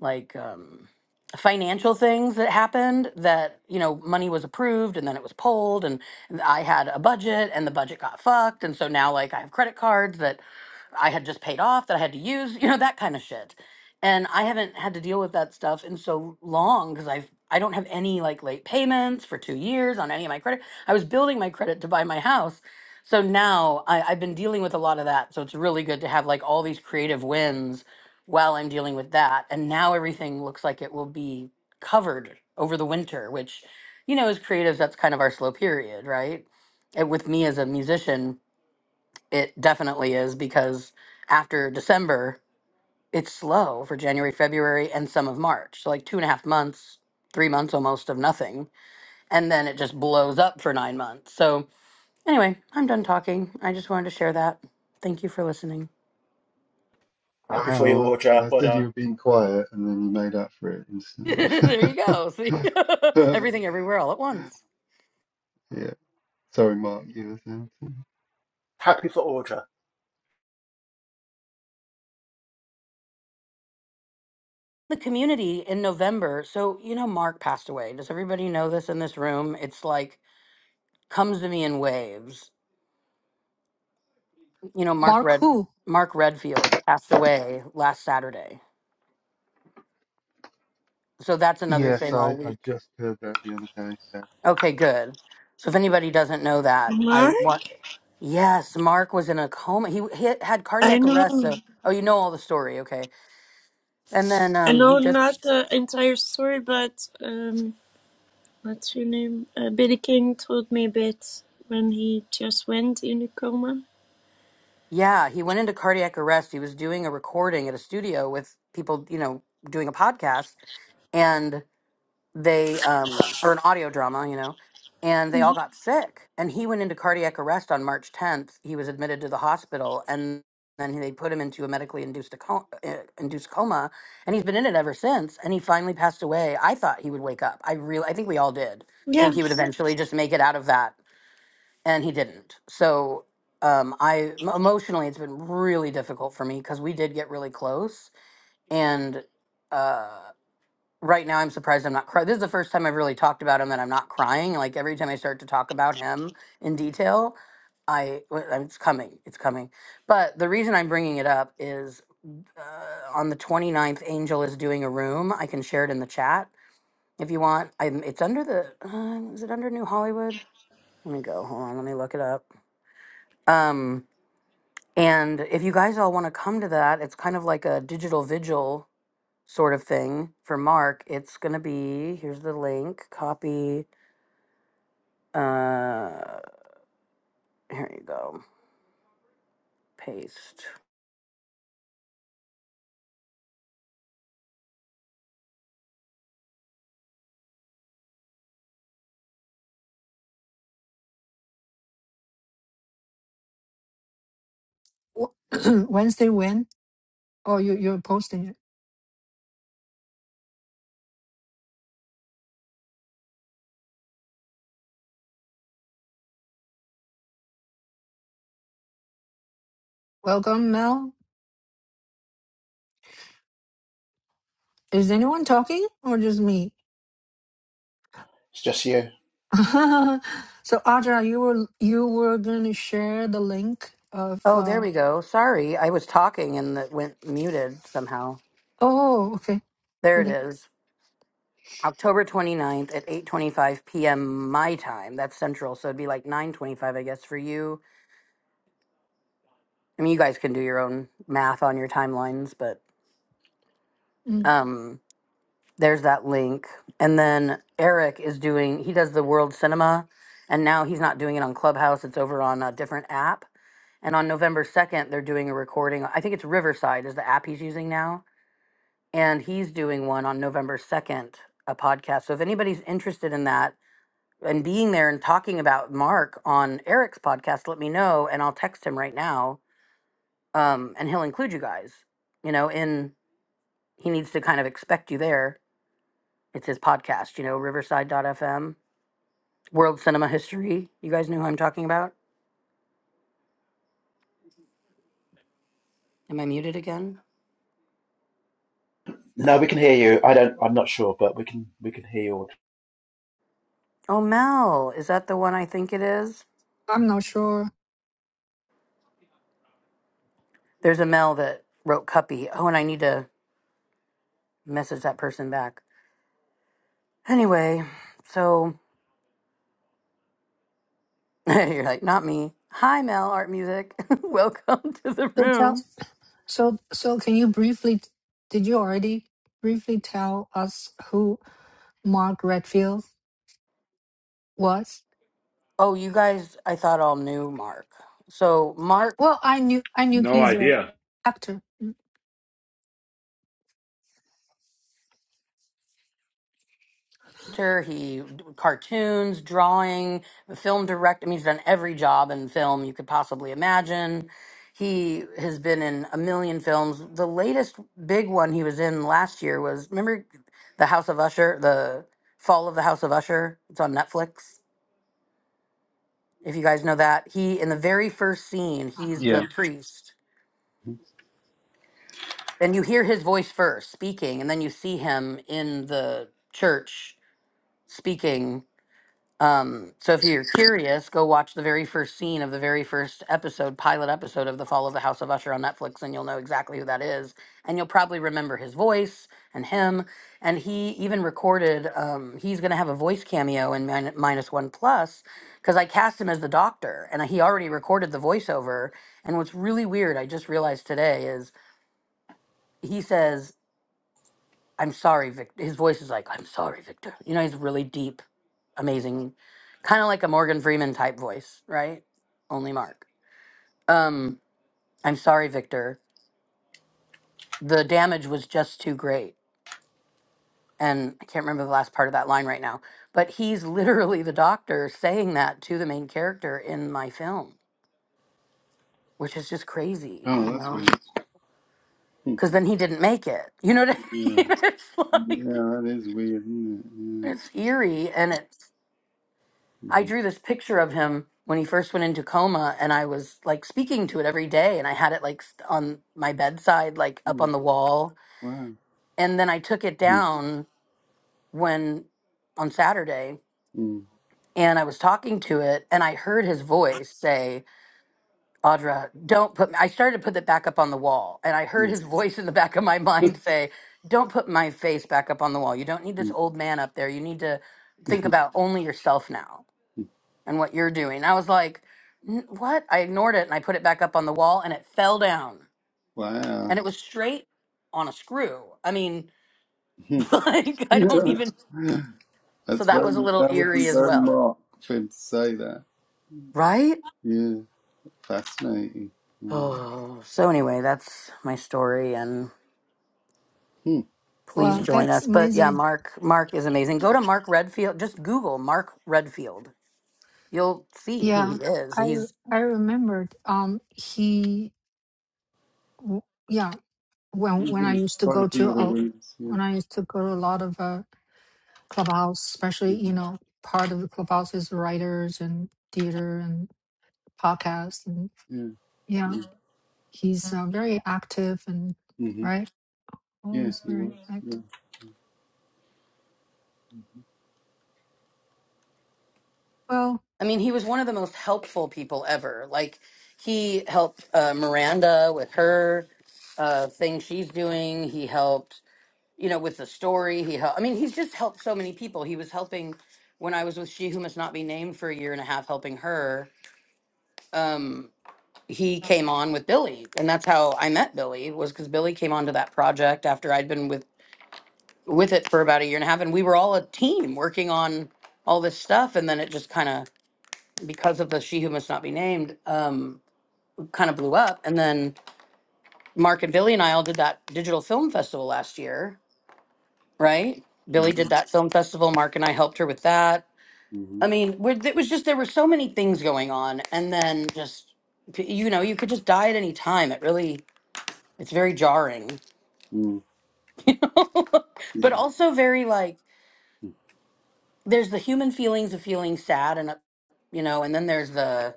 F: like. um, financial things that happened that you know money was approved and then it was pulled and and i had a budget and the budget got fucked and so now like i have credit cards that i had just paid off that i had to use you know that kind of shit and i haven't had to deal with that stuff in so long because i've i don't have any like late payments for two years on any of my credit i was building my credit to buy my house so now I, i've been dealing with a lot of that so it's really good to have like all these creative wins while I'm dealing with that. And now everything looks like it will be covered over the winter, which, you know, as creatives, that's kind of our slow period, right? And with me as a musician, it definitely is because after December, it's slow for January, February, and some of March. So, like two and a half months, three months almost of nothing. And then it just blows up for nine months. So, anyway, I'm done talking. I just wanted to share that. Thank you for listening.
E: happy for you
C: Wow.
E: audra
C: I
E: well
C: said you
E: done
C: were being quiet and then you made up for it instantly.
F: there you go. See? Everything everywhere all at once.
C: Yeah. Sorry, Mark, you were saying something.
E: happy for audra
F: the community in November. So, you know, Mark passed away. Does everybody know this in this room? It's like comes to me in waves. You know, Mark
A: Mark,
F: Red
A: who
F: Mark Redfield passed away last Saturday. So that's another
C: Yes,
F: thing
C: I,
F: all
C: I
F: week.
C: just heard that the other day, so.
F: Okay, good. So if anybody doesn't know that, I
B: Mark,
F: want Yes, Mark was in a coma. He, he had
B: I
F: cardiac arrest.
B: know,
F: So, oh, you know all the story, okay? And then
B: I
F: um, he
B: know,
F: just
B: not the entire story, but um, what's your name? Uh, Billy King told me a bit when he just went in a coma.
F: Yeah, he went into cardiac arrest. He was doing a recording at a studio with people, you know, doing a podcast, and they um or an audio drama, you know, and they all
B: Mm.
F: got sick. And he went into cardiac arrest on March 10th. He was admitted to the hospital, and then they put him into a medically induced a co- uh, induced coma, and he's been in it ever since. And he finally passed away. I thought he would wake up. I really, I think we all did. Think he would
B: Yes,
F: eventually just make it out of that and he didn't. So um, I m- emotionally, it's been really difficult for me because we did get really close, and uh, right now I'm surprised I'm not crying. This is the first time I've really talked about him that I'm not crying. Like every time I start to talk about him in detail, I w- I'm- it's coming, it's coming. But the reason I'm bringing it up is. Uh, on the twenty ninth, Angel is doing a room. I can share it in the chat if you want. I'm, it's under the, uh, is it under New Hollywood? Let me go. Hold on. Let me look it up. Um, And if you guys all want to come to that, it's kind of like a digital vigil sort of thing for Mark. It's going to be here's the link, copy, uh, here you go, paste.
A: Wednesday win? Oh, you you're posting it. Welcome, Mel. Is anyone talking or just me?
E: it's just you
A: so, Audra, you were you were gonna share the link of.
F: Oh, there
A: Uh,
F: we go. Sorry, I was talking and that went muted somehow.
A: oh, okay,
F: There it
A: okay.
F: is. October 29th at 8:25 p.m. my time. That's central, so it'd be like 9:25 I guess for you. I mean, you guys can do your own math on your timelines, but
A: Mm,
F: um there's that link. And then Eric is doing, he does the World Cinema, and now he's not doing it on Clubhouse. It's over on a different app. And on November 2nd, they're doing a recording. I think it's Riverside, is the app he's using now. And he's doing one on November 2nd, a podcast. So if anybody's interested in that and being there and talking about Mark on Eric's podcast, let me know and I'll text him right now. Um, and he'll include you guys, you know, in he needs to kind of expect you there It's his podcast, you know, Riverside FM World Cinema History. You guys know who I'm talking about? Am I muted again?
E: no we can hear you i don't i'm not sure but we can we can hear you audra.
F: Oh, Mel. Is that the one I think it is?
A: I'm not sure.
F: There's a Mel that wrote Cuppy. Oh, and I need to message that person back. Anyway, so you're like, not me. Hi, Mel, Art Music. Welcome to the
A: So tell.
F: room.
A: So so can you briefly? Did you already briefly tell us who Mark Redfield was?
F: Oh, you guys, I thought all knew Mark. So, Mark
A: Well, I knew I knew
D: no
A: he's a
D: idea
A: actor. Mm.
F: painter, he cartoons, drawing, film direct. I mean, he's done every job in film you could possibly imagine. He has been in a million films. The latest big one he was in last year was remember the House of Usher, the Fall of the House of Usher. It's on Netflix. If you guys know that, he in the very first scene, he's the
C: Yeah.
F: priest. And you hear his voice first speaking, and then you see him in the church speaking Um, so if you're curious, go watch the very first scene of the very first episode, pilot episode of The Fall of the House of Usher on Netflix, and you'll know exactly who that is. And you'll probably remember his voice and him. And he even recorded, um, he's going to have a voice cameo in Min- Minus One Plus because I cast him as the doctor and he already recorded the voiceover. And what's really weird, I just realized today, is. He says I'm sorry, Victor. His voice is like, I'm sorry, Victor. You know, he's really deep, amazing, kind of like a Morgan Freeman type voice, right? Only Mark. Um, I'm sorry, Victor. The damage was just too great. And I can't remember the last part of that line right now, but he's literally the doctor saying that to the main character in my film, which is just crazy, you
C: Oh, that's
F: know?
C: weird. Hmm.
F: Because then he didn't make it. You know what I
C: Yeah.
F: mean? It's like,
C: Yeah, that is weird, isn't it?
F: it's eerie and it
C: Yeah.
F: I
C: Mhm.
F: drew this picture of him when he first went into coma, and I was like speaking to it every day, and I had it like st- on my bedside, like up
C: Mm,
F: on the wall.
C: Wow.
F: And then I took it
C: Mm,
F: down when on Saturday, and I was talking to it, and I heard his voice say, Audra, don't put, I started to put it back up on the wall, and I heard
C: mm,
F: his voice in the back of my mind say, Don't put my face back up on the wall. You don't need
C: mm,
F: this old man up there. You need to think about only yourself now and what you're doing. I was like, "N- what? I ignored it and I put it back up on the wall and it fell down.
C: Wow.
F: And it was straight on a screw. I mean, like, I don't
C: That's
F: even. So that
C: very,
F: was a little
C: that would be
F: eerie as
C: very
F: well.
C: Mark for him to say that.
F: Right?
C: Yeah, fascinating. Wow.
F: Oh, so anyway, that's my story. And
C: Hmm.
F: please
A: Wow,
C: Wow.
F: join
A: that's
F: us. But yeah,
A: amazing.
F: Mark, Mark is amazing. Go to Mark Redfield. Just Google Mark Redfield. You'll see who he
A: Yeah,
F: is.
A: I
F: He's
A: re- I remembered. Um, he w- yeah when
C: He's
A: when I
C: in
A: used to
C: quite
A: go
C: a
A: to
C: few other
A: a
C: rooms. Yeah.
A: when I used to go to a lot of uh, clubhouse, especially you
C: hmm
A: know part of the clubhouse is writers and theater and podcasts and
C: Yeah.
A: yeah,
C: Yeah.
A: he's uh, very active and
C: hmm
A: right
C: Yeah,
A: always
C: he
A: very
C: was. Yeah.
A: active. Well,
F: I mean, he was one of the most helpful people ever. Like, he helped uh, Miranda with her uh, thing she's doing. He helped, you know, with the story. He helped. I mean, he's just helped so many people. He was helping when I was with She Who Must Not Be Named for a year and a half, helping her. Um, he came on with Billy, and that's how I met Billy. Was because Billy came onto that project after I'd been with with it for about a year and a half, and we were all a team working on all this stuff, and then it just kind of because of the She Who Must Not Be Named, um, kind of blew up. And then Mark and Billy and I all did that digital film festival last year, right? Billy did
C: Ah.
F: that film festival. Mark and I helped her with that. I
C: hmm
F: mean, we're, it was just there were so many things going on, and then just you know you could just die at any time. It really it's very jarring,
C: Mm.
F: but
C: Yeah.
F: also very like there's the human feelings of feeling sad and up- you know, and then there's the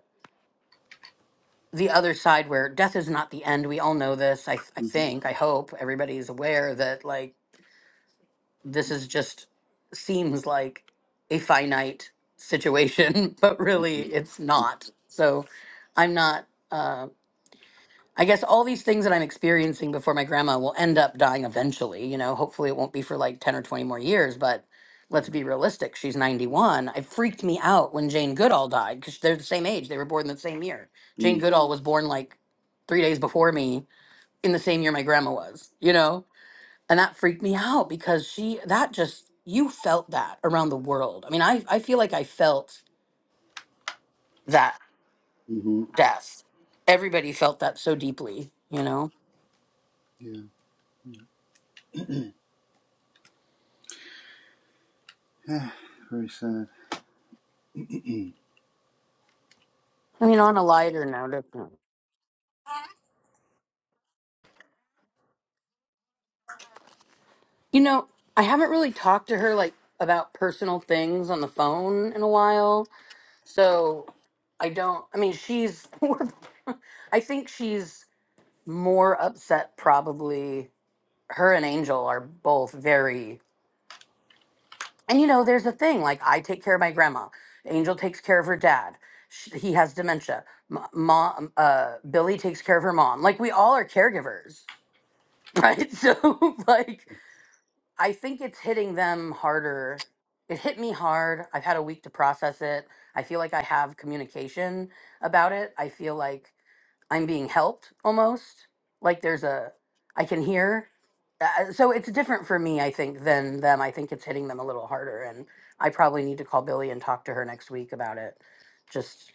F: the other side where death is not the end. We all know this. I, th- I
C: hmm
F: think, I hope everybody is aware that like this is just seems like a finite situation, but really
C: hmm
F: it's not. So I'm not. Uh, I guess all these things that I'm experiencing before my grandma will end up dying eventually. You know, hopefully it won't be for like 10 or 20 more years, but let's be realistic. She's 91. It freaked me out when Jane Goodall died because they're the same age. They were born the same year. Jane Goodall was born like three days before me in the same year my grandma was, you know? And that freaked me out because she, that just, you felt that around the world. I mean, I, I feel like I felt that
C: Mm-hmm.
F: death. Everybody felt that so deeply, you know?
C: Yeah. Ah, very sad.
F: I mean, on a lighter note, if not- you know, I haven't really talked to her like about personal things on the phone in a while. So I don't, I mean, she's, we're- I think she's more upset probably. Her and Angel are both very, and you know, there's a thing like I take care of my grandma, Angel takes care of her dad. Sh he has dementia. M- Mom, uh, Billy takes care of her mom. Like we all are caregivers, right? So like I think it's hitting them harder. It hit me hard. I've had a week to process it. I feel like I have communication about it. I feel like I'm being helped almost. Like there's a, I can hear. Uh, so it's different for me, I think, than them. I think it's hitting them a little harder. And I probably need to call Billy and talk to her next week about it just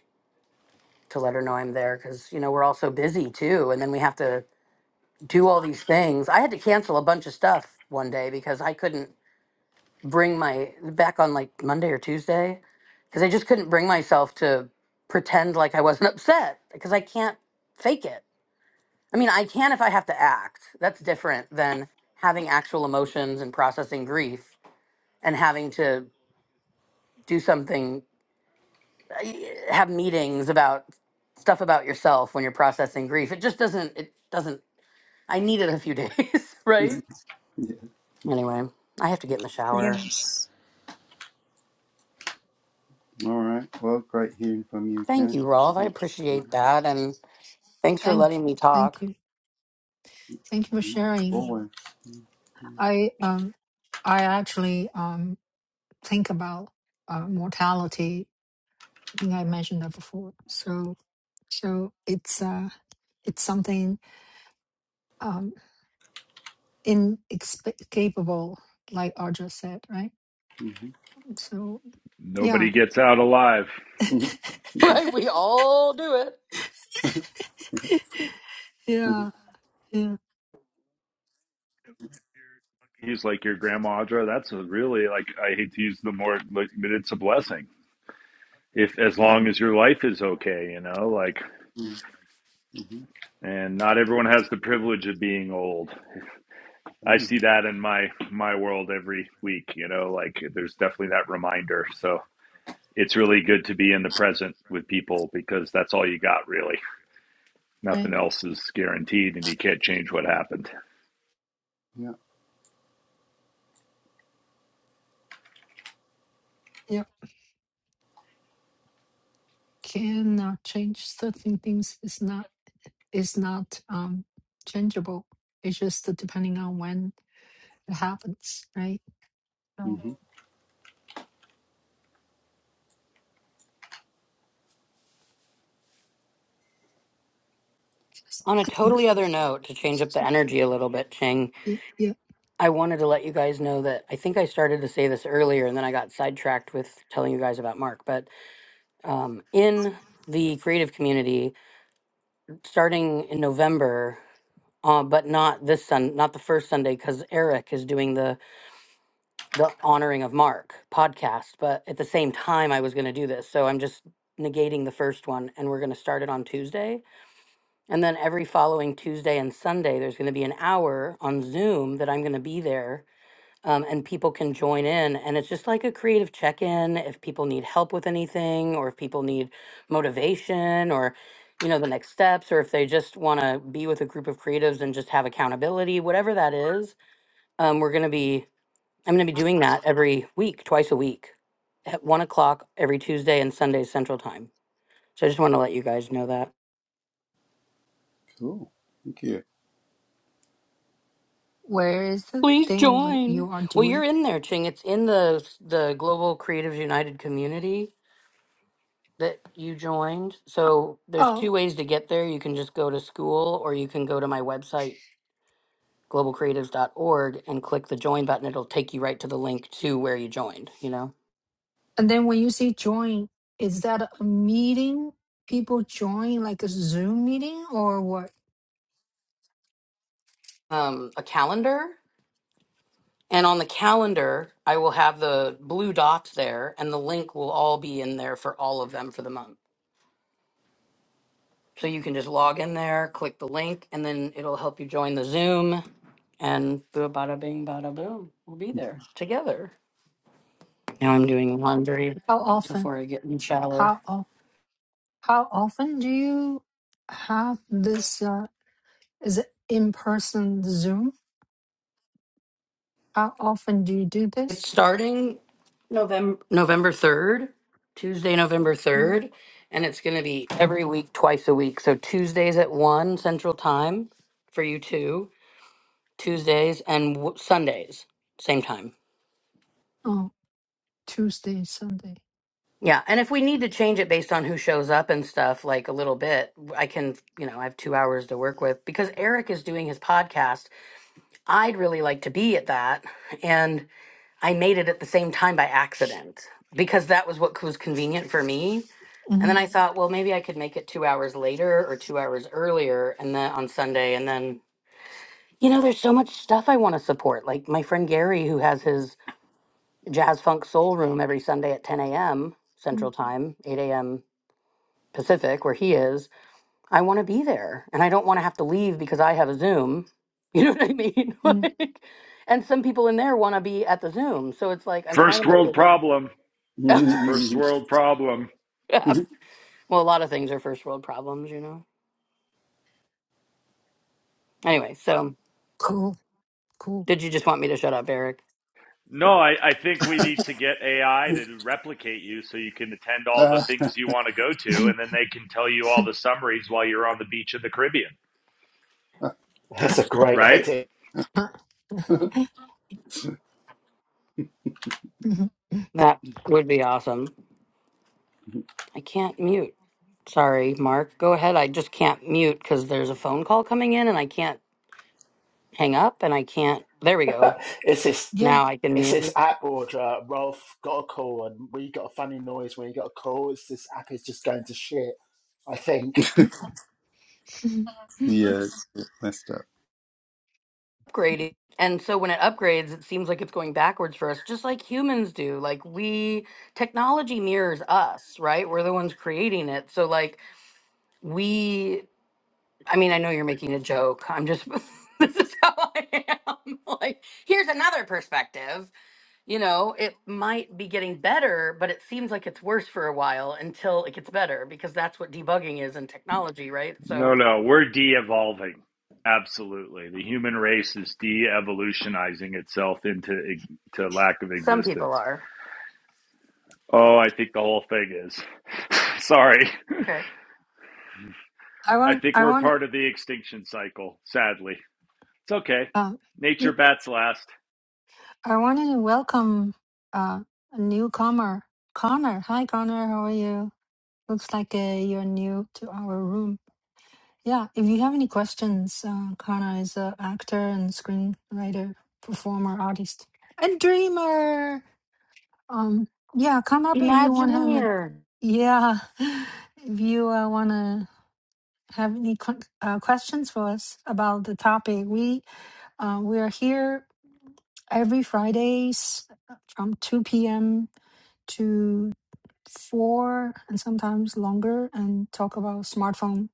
F: to let her know I'm there. Cause, you know, we're all so busy too. And then we have to do all these things. I had to cancel a bunch of stuff one day because I couldn't bring my back on like Monday or Tuesday because I just couldn't bring myself to pretend like I wasn't upset because I can't fake it. I mean, I can if I have to act. That's different than having actual emotions and processing grief and having to do something, have meetings about stuff about yourself when you're processing grief. It just doesn't, it doesn't, I needed a few days,
C: Yeah.
F: right? Anyway, I have to get in the shower.
B: yes.
C: All right. Well, great hearing from you,
F: Thank you,
C: Ken.
F: Rolf. I
C: Thanks.
F: appreciate that. And thanks for
A: thank
F: letting me talk.
A: thank you thank you for
C: Mhm.
A: sharing.
C: Always.
A: I um I actually um think about uh, mortality. I think I mentioned that before. So so it's uh it's something um inescapable, like Arja said, right? So
D: nobody
A: yeah,
D: gets out alive
F: Right? We all do it.
C: hmm
A: yeah, yeah,
D: he's like your grandma audra that's a really like i hate to use the more like, but it's a blessing if as long
A: yeah,
D: as your life is okay you know like
C: hmm
D: and not everyone has the privilege of being old I
C: Mm,
D: see that in my my world every week, you know, like there's definitely that reminder. So it's really good to be in the present with people because that's all you got really. Nothing
A: right.
D: else is guaranteed and you can't change what happened.
C: yeah.
A: Yeah, cannot change certain things. is not is not um changeable. It's just depending on when it happens, right? Right.
C: hmm
F: On a totally other note, to change up the energy a little bit, Ching,
A: Yeah, yeah.
F: I wanted to let you guys know that I think I started to say this earlier and then I got sidetracked with telling you guys about Mark. But um, in the creative community, starting in November, uh, but not this Sun, not the first Sunday, because Eric is doing the the honoring of Mark podcast. But at the same time, I was going to do this, so I'm just negating the first one, and we're going to start it on Tuesday And then every following Tuesday and Sunday, there's going to be an hour on Zoom that I'm going to be there. Um, and people can join in. And it's just like a creative check in if people need help with anything, or if people need motivation, or, you know, the next steps, or if they just want to be with a group of creatives and just have accountability, whatever that is. Um, we're going to be, I'm going to be doing that every week, twice a week at one o'clock every Tuesday and Sunday Central Time. So I just want to let you guys know that.
C: Cool. Thank you.
A: Where is the
F: Please
A: thing when
F: join.
A: you are
F: Well,
A: doing?
F: you're in there, Ching. It's in the the Global Creatives United community that you joined. So there's
A: Oh,
F: two ways to get there. You can just go to school or you can go to my website globalcreatives.org and click the join button. It'll take you right to the link to where you joined, you know.
A: and then when you say join, is that a meeting? People join like a Zoom meeting or what?
F: Um a calendar and on the calendar, I will have the blue dots there and the link will all be in there for all of them for the month. So you can just log in there, click the link, and then it'll help you join the Zoom. And boo, bada bing, bada boom. We'll be there together. Now I'm doing laundry
A: How often?
F: before I get in the shower.
A: How o- how often do you have this? Uh, is it in person Zoom? How often do you do
F: It's
A: this?
F: starting November November third, Tuesday, November
A: Mm,
F: third, and it's going to be every week, twice a week. So Tuesdays at one Central Time for you two, Tuesdays and w- Sundays same time.
A: Oh, Tuesday, Sunday.
F: Yeah, and if we need to change it based on who shows up and stuff, like a little bit, I can, you know, I have two hours to work with because Eric is doing his podcast. I'd really like to be at that. And I made it at the same time by accident because that was what was convenient for me. And
A: hmm
F: then I thought, well, maybe I could make it two hours later or two hours earlier and then on Sunday. And then, you know, there's so much stuff I want to support. Like my friend Gary, who has his jazz funk soul room every Sunday at 10 a.m.
A: Mm-hmm.
F: Central
A: Mm,
F: Time, 8 a.m. Pacific, where he is, I want to be there and I don't want to have to leave because I have a Zoom. You know what I mean?
A: mm.
F: like, and some people in there want to be at the Zoom. So it's like, I'm trying to
D: First
F: make
D: world
F: it.
D: problem. That's a first world problem.
F: Yeah. well, a lot of things are first world problems, you know? Anyway, so
A: Cool, cool.
F: did you just want me to shut up, Eric?
D: No, I, I think we need to get AI to replicate you so you can attend all the things you want to go to and then they can tell you all the summaries while you're on the beach of the Caribbean.
C: Ah,
E: that's a great
D: right?
E: idea
A: Mhm.
F: That would be awesome. I can't mute. Sorry, Mark. Go ahead. I just can't mute because there's a phone call coming in and I can't hang up and I can't. There we go.
E: it's this
A: Yeah.
F: Now I can
E: It's this
F: mute.
E: app order. Uh, Rolf got a call, and we got a funny noise when he got a call. It's this app is just going to shit. I think.
C: yeah, it's a bit messed up.
F: upgrading. And so when it upgrades, it seems like it's going backwards for us, just like humans do. Like we, technology mirrors us, right? We're the ones creating it. So like we, I mean, I know you're making a joke. I'm just, this is how I am. Like, here's another perspective. You know, it might be getting better, but it seems like it's worse for a while until it gets better because that's what debugging is in technology, right? So
D: No, no, we're de-evolving. Absolutely, the human race is de-evolutionizing itself into to lack of
F: some people
D: existence.
F: are.
D: Oh, I think the whole thing is. Sorry,
F: Okay.
A: I
D: I
A: want,
D: think
A: I
D: we're
A: want,
D: part of the extinction cycle. Sadly, it's okay.
A: uh,
D: Nature
A: we,
D: bats last.
A: I wanted to welcome uh, a newcomer, Connor. Hi, Connor. How are you? Looks like uh, you're new to our room. Yeah, if you have any questions, uh, Connor is an actor and screenwriter, performer, artist, and dreamer. Um, yeah, come up if you want to have any.
F: Imagineer.
A: Yeah, if you uh, want to have any qu- uh, questions for us about the topic, we uh, we are here every Fridays from 2 p.m. to 4 and sometimes longer and talk about smartphone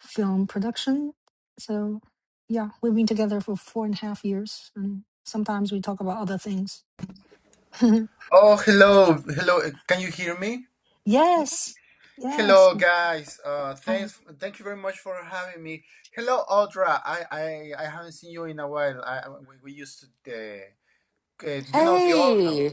A: film production. So, yeah, we've been together for four and a half years and sometimes we talk about other things.
G: Oh, hello, hello. uh, Can you hear me?
A: yes, yes.
G: Hello, guys. Uh,
A: Hi.
G: thanks. Thank you very much for having me. Hello, Audra. I, I, I haven't seen you in a while. I, I- we, we used to the, uh, you know, the old house.
F: Hey.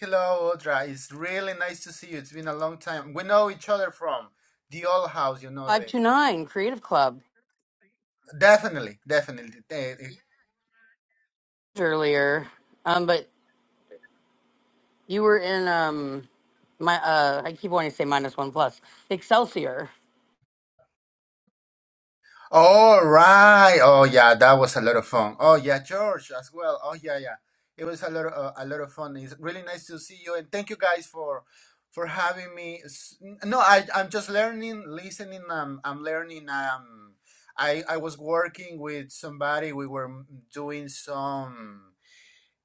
G: Hello, Audra. It's really nice to see you. It's been a long time. We know each other from the old house. You know the.
F: 529 Creative Club
G: Definitely, definitely. uh,
F: earlier. Um, but you were in um my uh I keep wanting to say minus one plus. Excelsior.
G: All right. Oh yeah, that was a lot of fun. Oh yeah, George as well. Oh yeah, yeah. It was a lot of, uh, a lot of fun. It's really nice to see you, and thank you guys for for having me. S- No, I I'm just learning, listening. Um, I'm learning. Um, I I was working with somebody. We were doing some.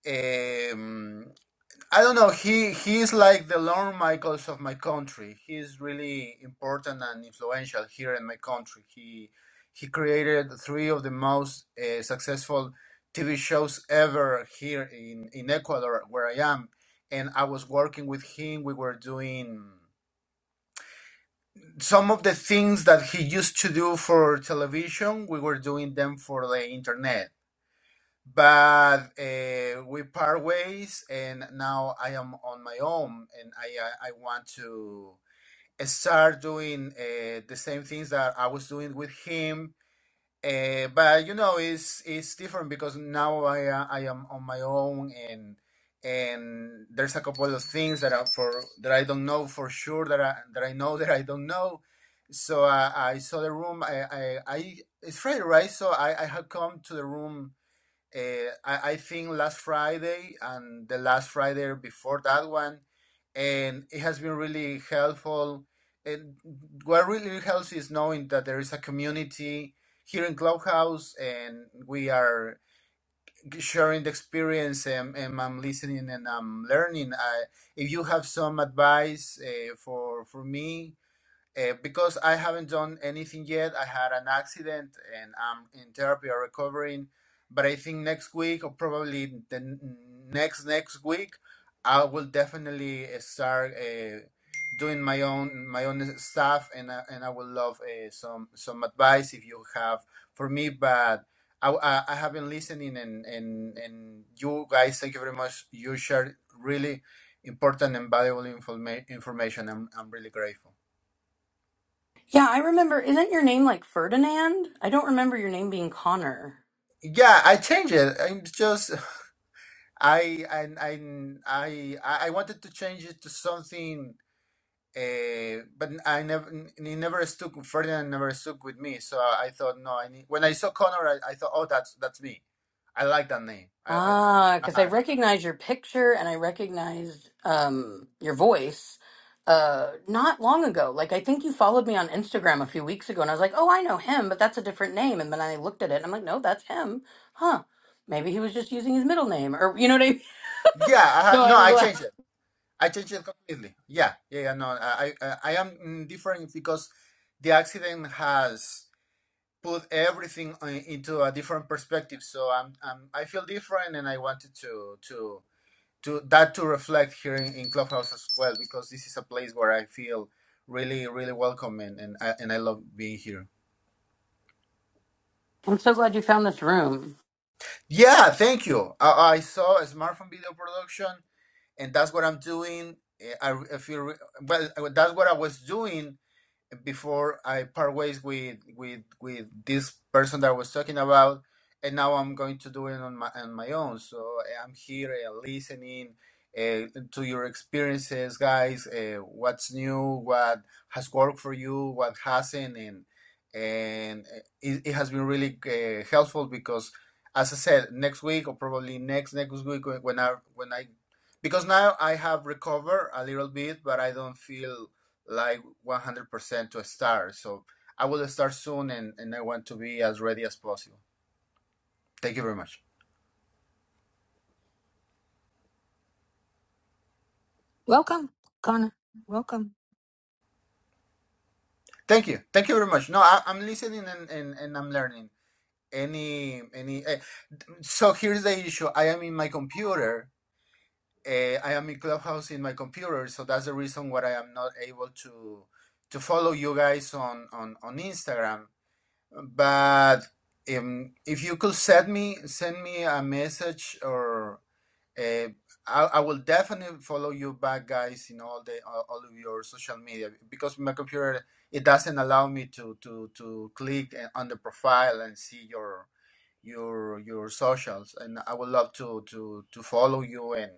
G: Um, I don't know. He he is like the Lorne Michaels of my country. He is really important and influential here in my country. He he created three of the most uh, successful TV shows ever here in in Ecuador, where I am. And I was working with him. We were doing some of the things that he used to do for television. We were doing them for the internet but uh, we part ways and now i am on my own and i i, I want to start doing uh, the same things that i was doing with him uh, but you know it's it's different because now i uh, i am on my own and and there's a couple of things that are for that i don't know for sure that i that i know that i don't know so uh, i saw the room i i, I it's friday right so i i had come to the room uh, I, I think last Friday and the last Friday before that one, and it has been really helpful. And what really helps is knowing that there is a community here in Clubhouse, and we are sharing the experience, and, and I'm listening and I'm learning. I, if you have some advice uh, for for me, uh, because I haven't done anything yet. I had an accident and I'm in therapy or recovering. But I think next week or probably the n- next next week, I will definitely uh, start uh, doing my own my own stuff and I and I would love uh, some some advice if you have for me. But I, I, I have been listening and, and and you guys, thank you very much. You shared really important and valuable informa- information. I'm I'm really grateful.
F: Yeah, I remember isn't your name like Ferdinand? I don't remember your name being Connor.
G: Yeah, I changed it. I'm just I I I I I wanted to change it to something, uh, but I never it never stuck. Ferdinand never stuck with me, so I thought no. I need, when I saw Connor, I, I thought, oh, that's that's me. I like that name. I,
F: Ah, because
G: I
F: I
G: uh,
F: recognize your picture and I recognized um your voice uh not long ago. Like I think you followed me on Instagram a few weeks ago and I was like, Oh, I know him, but that's a different name and then I looked at it and I'm like, No, that's him. Huh. Maybe he was just using his middle name or you know what I mean?
G: yeah.
F: So
G: Uh, no,
F: I'm
G: I
F: glad.
G: changed it. I changed it completely. Yeah, yeah, yeah. No, I I, I am different because the accident has. put everything uh, into a different perspective. So I'm, I'm I feel different, and I wanted to to to that to reflect here in, in Clubhouse as well because this is a place where I feel really really welcome and and I, and I love being here.
F: I'm so glad you found this room.
G: Yeah, thank you. I, I saw a smartphone video production, and that's what I'm doing. Eh, I, I feel re- well. That's what I was doing before I part ways with with with this person that I was talking about, and now I'm going to do it on my on my own. So eh, I'm here uh, listening uh, to your experiences, guys. Uh, what's new? What has worked for you? What hasn't? And and eh, it, it has been really uh, helpful because, as I said, next week or probably next next week when I when I because now I have recovered a little bit, but I don't feel like 100% to start. So I will start soon and, and I want to be as ready as possible. Thank you very much.
A: Welcome, Connor. Welcome.
G: Thank you. Thank you very much. No, I, I'm listening and, and, and I'm learning. Any, any, eh, so here's the issue. I am in my computer. Uh, I am in Clubhouse in my computer, so that's the reason why I am not able to to follow you guys on on on Instagram. But um, if you could send me send me a message or Uh, I, I will definitely follow you back, guys, in all the all all of your social media because my computer it doesn't allow me to to to click uh, on the profile and see your your your socials, and I would love to to to follow you and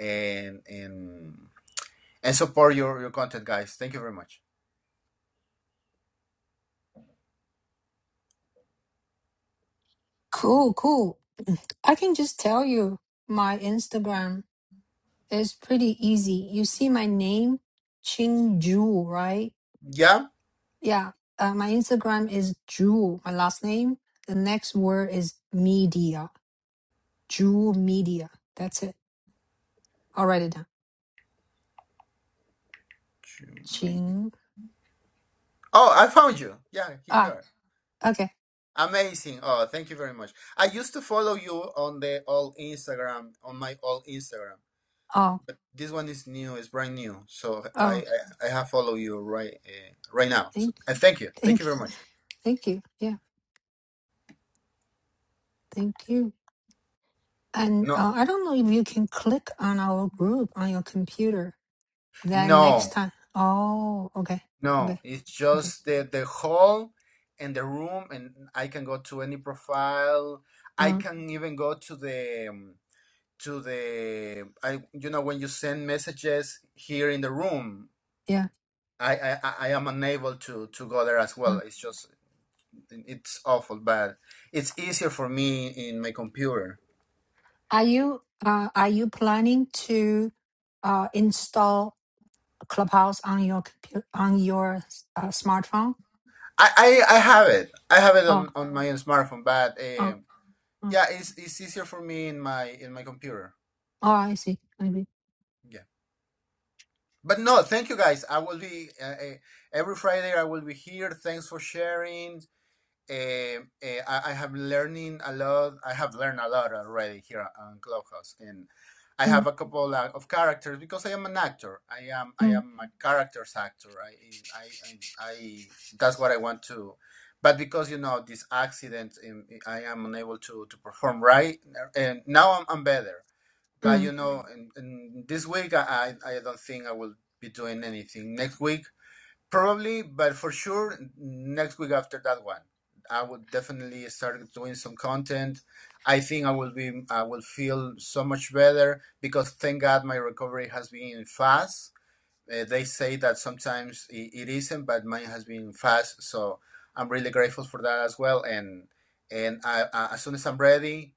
G: and and and support your your content, guys. Thank you very much.
A: Cool, cool. I can just tell you my Instagram is pretty easy. You see my name, Ching Ju, right?
G: Yeah.
A: Yeah. Uh, my Instagram is Jewel, my last name. The next word is media. Jewel media. That's it. I'll write it down. Ching.
G: Oh, I found you. Yeah, here you
A: Ah,
G: are.
A: okay.
G: Amazing. Oh, thank you very much. I used to follow you on the all Instagram, on my all Instagram.
A: Oh,
G: This one is new. It's brand new. So I
A: oh,
G: I, I have follow you right uh, right now. So
A: thank,
G: and thank you. Thank you
A: thank you.
G: very much.
A: Thank you. Yeah, thank you. And
G: No
A: uh, I don't know if you can click on our group on your computer. Then next
G: no
A: time. Oh, okay.
G: no.
A: Okay.
G: It's
A: Okay.
G: just the the hall and the room, and I can go to any profile. I
A: Uh,
G: can even go to the um, to the I you know when you send messages here in the room.
A: yeah.
G: I, I, I I am unable to, to go there as well.
A: uh.
G: It's just it's awful, but it's easier for me in my computer.
A: Are you, uh, are you planning to, uh, install Clubhouse on your computer on your uh, smartphone.
G: I, I, I have it. I have it
A: Oh,
G: on, on my smartphone, but
A: oh,
G: um,
A: oh,
G: yeah, it's, it's easier for me in my in my computer.
A: oh, I see. I see.
G: Yeah, but no, thank you guys. I will be uh, uh, every Friday. I will be here. Thanks for sharing. eh, eh, I, I have learning a lot. I have learned a lot already here on Clubhouse, and I
A: Mm,
G: have a couple uh, of characters because I am an actor. I am I
A: mm,
G: am a characters actor. I I I, I that's what I want to. But because you know this accident, um, I am unable to to perform right, and now I'm, I'm better. But
A: mm.
G: you know, in, in this week I, I I don't think I will be doing anything. Next week Probably, but for sure, next week after that one, I would definitely start doing some content. I think I will be, I will feel so much better because thank God my recovery has been fast. Uh, they say that sometimes it, it isn't, but mine has been fast. So I'm really grateful for that as well. And and I, I, as soon as I'm ready,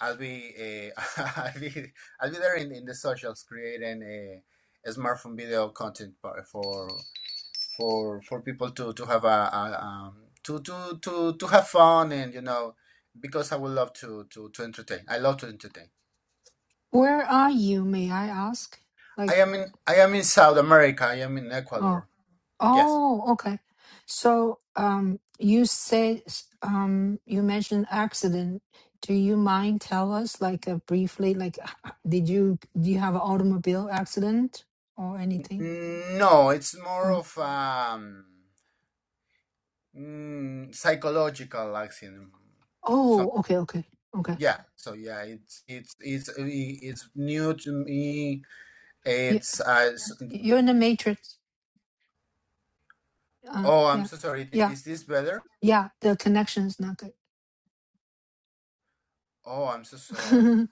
G: I'll be uh, I'll be I'll be there in, in the socials creating a, a smartphone video content for for for for people to to have a, a um, to to to to have fun and you know because I would love to to to entertain. I love to entertain.
A: Where are you? May I ask?
G: I
A: Like,
G: am in I am in South America. I am in
A: oh,
G: Ecuador. Yes.
A: oh, okay. So, um, you said, um, you mentioned accident. Do you mind tell us, like, uh, briefly, like, h- h- did you do you have an automobile accident or anything?
G: No, it's more
A: Oh,
G: of um mm, psychological accident. Some
A: oh, okay, okay, okay.
G: yeah. So yeah, it's it's it's it's new to me.
A: You,
G: It's uh, s-
A: you're in the matrix. Uh,
G: oh, I'm
A: yeah,
G: so sorry.
A: yeah.
G: Is this better?
A: Yeah, the connection is not good.
G: Oh, I'm so sorry.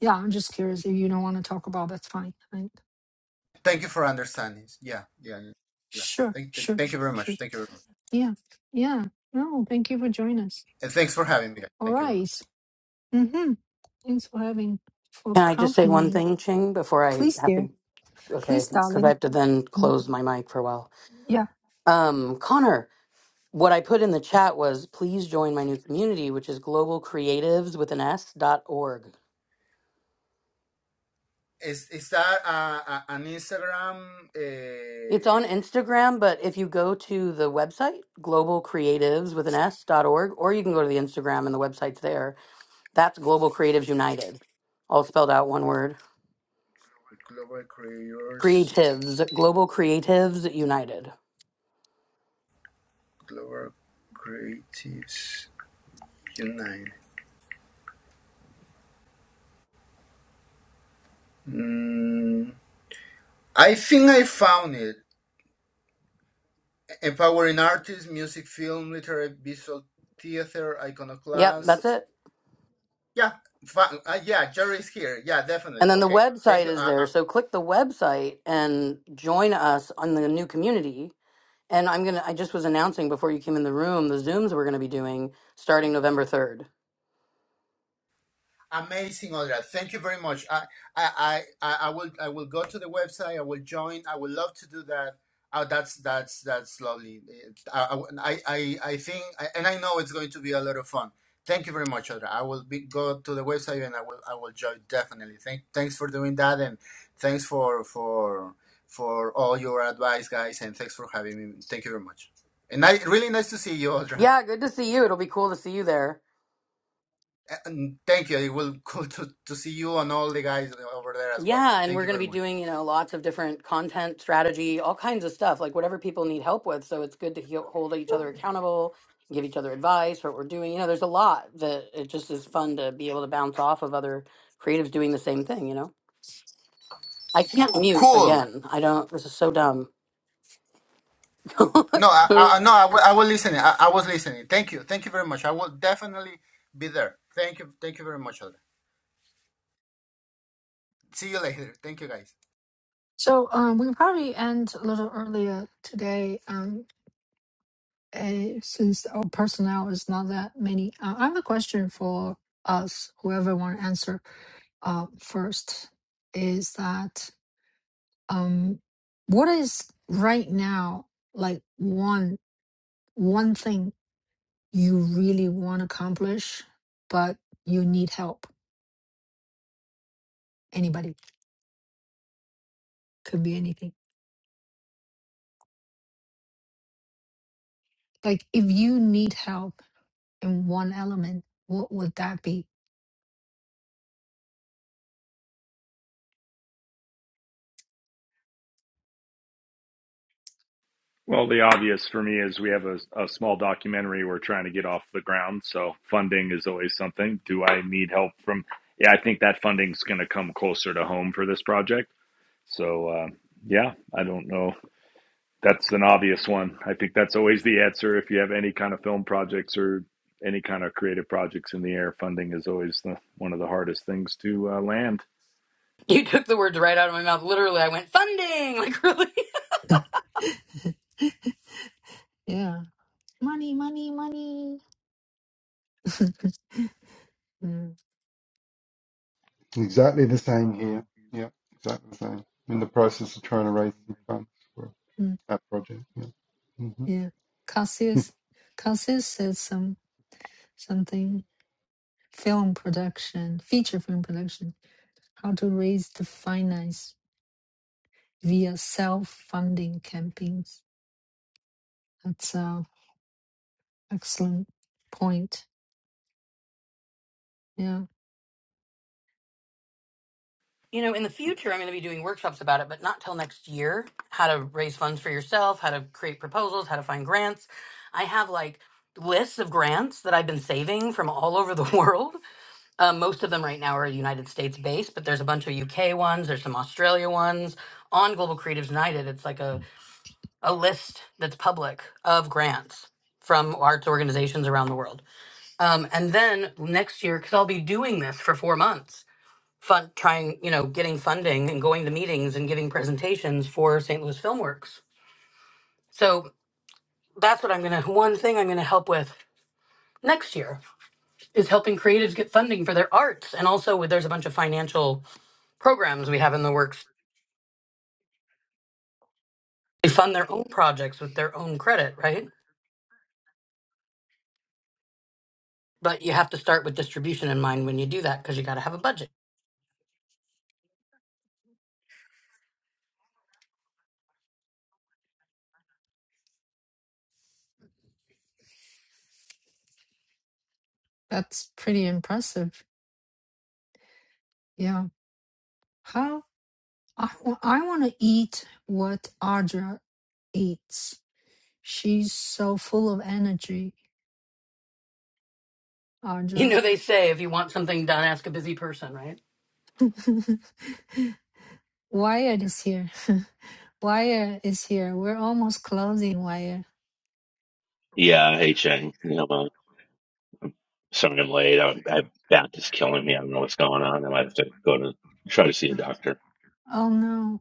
A: yeah, I'm just curious. If you don't want to talk about, that's fine. I,
G: Thank you for understanding. Yeah, yeah, yeah. yeah.
A: sure,
G: Thank,
A: sure,
G: thank you
A: sure,
G: very much.
A: sure.
G: Thank you very much.
A: Yeah, yeah. No, thank you for joining us.
G: And thanks for having me.
A: All
G: Thank you very much.
A: right. Mm-hmm. Thanks for having for
F: Can I just say
A: company.
F: one thing, Ching, before I
A: Please,
F: have
A: dear.
F: to? Okay,
A: Please,
F: because I
A: darling.
F: have to then
A: Mm,
F: close my mic for a while.
A: Yeah.
F: Um, Connor, what I put in the chat was please join my new community, which is Global Creatives with an S dot org.
G: Is is that uh, uh, an Instagram?
F: It's on
G: Uh,
F: Instagram, but if you go to the website, Global Creatives with an S dot org, or you can go to the Instagram and the website's there. That's Global Creatives United, all spelled out one word.
G: Global Creators,
F: Creatives, Global Creatives United.
G: Global Creatives United. Mm, I think I found it. Empowering artists, music, film, literary, visual, theater,
F: Yep, that's
G: iconoclast.
F: it.
G: Yeah, fa- uh, yeah. Jerry's here. Yeah,
F: And
G: definitely.
F: then the
G: Okay. Thank
F: website
G: you.
F: is
G: Uh,
F: there. So click the website and join us on the new community. And I'm going to, I just was announcing before you came in the room the Zooms we're going to be doing starting November 3rd.
G: Amazing, Audra. Thank you very much. I, I, I, I will, I will go to the website. I will join. I would love to do that. Oh, that's that's that's lovely. Uh, I, I, I think, and I know it's going to be a lot of fun. Thank you very much, Audra. I will be, go to the website and I will, I will join definitely. Thank, thanks for doing that, and thanks for for for all your advice, guys, and thanks for having me. Thank you very much. And I, really nice to see you, Audra.
F: Yeah, good to see you. It'll be cool to see you there.
G: And thank you. It will be cool to, to see you and all the guys over there as well.
F: Yeah, and
G: Thank
F: we're
G: you
F: going to
G: very
F: be
G: much.
F: doing, you know, lots of different content strategy, all kinds of stuff, like whatever people need help with. So it's good to he- hold each other accountable, give each other advice, what we're doing. You know, there's a lot that it just is fun to be able to bounce off of other creatives doing the same thing, you know? I can't mute
G: Cool.
F: again. I don't. This is so dumb.
G: No, I, I no, I will, I will listen. I, I was listening. Thank you. Thank you very much. I will definitely be there. Thank you. Thank you very much, Alda. See you later. Thank you, guys.
A: So um, we probably end a little earlier today. Um, eh, since our personnel is not that many. Uh, I have a question for us, whoever want to answer. uh, first is that um, what is right now like one one thing you really want to accomplish, but you need help. Anybody could be anything. Like if you need help in one element, what would that be?
D: Well, the obvious for me is we have a, a small documentary we're trying to get off the ground, so funding is always something. Do I need help from? Yeah, I think that funding's going to come closer to home for this project. So uh, yeah, I don't know. That's an obvious one. I think that's always the answer. If you have any kind of film projects or any kind of creative projects in the air, funding is always the, one of the hardest things to uh, land.
F: you took the words right out of my mouth. Literally, I went funding. Like really.
A: yeah, money, money, money. Mm,
C: Exactly the same here. Yeah, exactly the same. I'm In the process of trying to raise some funds for
A: mm,
C: that project. Yeah. hmm
A: yeah, Cassius, Cassius said some something film production, feature film production, how to raise the finance via self-funding campaigns. That's a excellent point. Yeah,
F: You know, in the future, I'm going to be doing workshops about it, but not till next year. How to raise funds for yourself, how to create proposals, how to find grants. I have like lists of grants that I've been saving from all over the world. Uh, most of them right now are United States based, but there's a bunch of UK ones. There's some Australia ones on Global Creatives United. It's like a a list that's public of grants from arts organizations around the world. Um, and then next year, because I'll be doing this for four months, fun, trying, you know, getting funding and going to meetings and giving presentations for St. Louis Filmworks. So that's what I'm going to, one thing I'm going to help with next year is helping creatives get funding for their arts. And also, with, there's a bunch of financial programs we have in the works. They fund their own projects with their own credit, right? But you have to start with distribution in mind when you do that because you got to have a budget
A: that's pretty impressive. Yeah, how I wa- I want to eat what Audra eats. She's so full of energy,
F: You
A: Audra.
F: know, they say if you want something done, ask a busy person, right?
A: Wyatt is here. Wyatt is here. We're almost closing, Wyatt.
H: Yeah, hey Chen. You know, uh, sorry I'm late. I, I back is killing me. I don't know what's going on. I might have to go to try to see a doctor.
A: Oh no.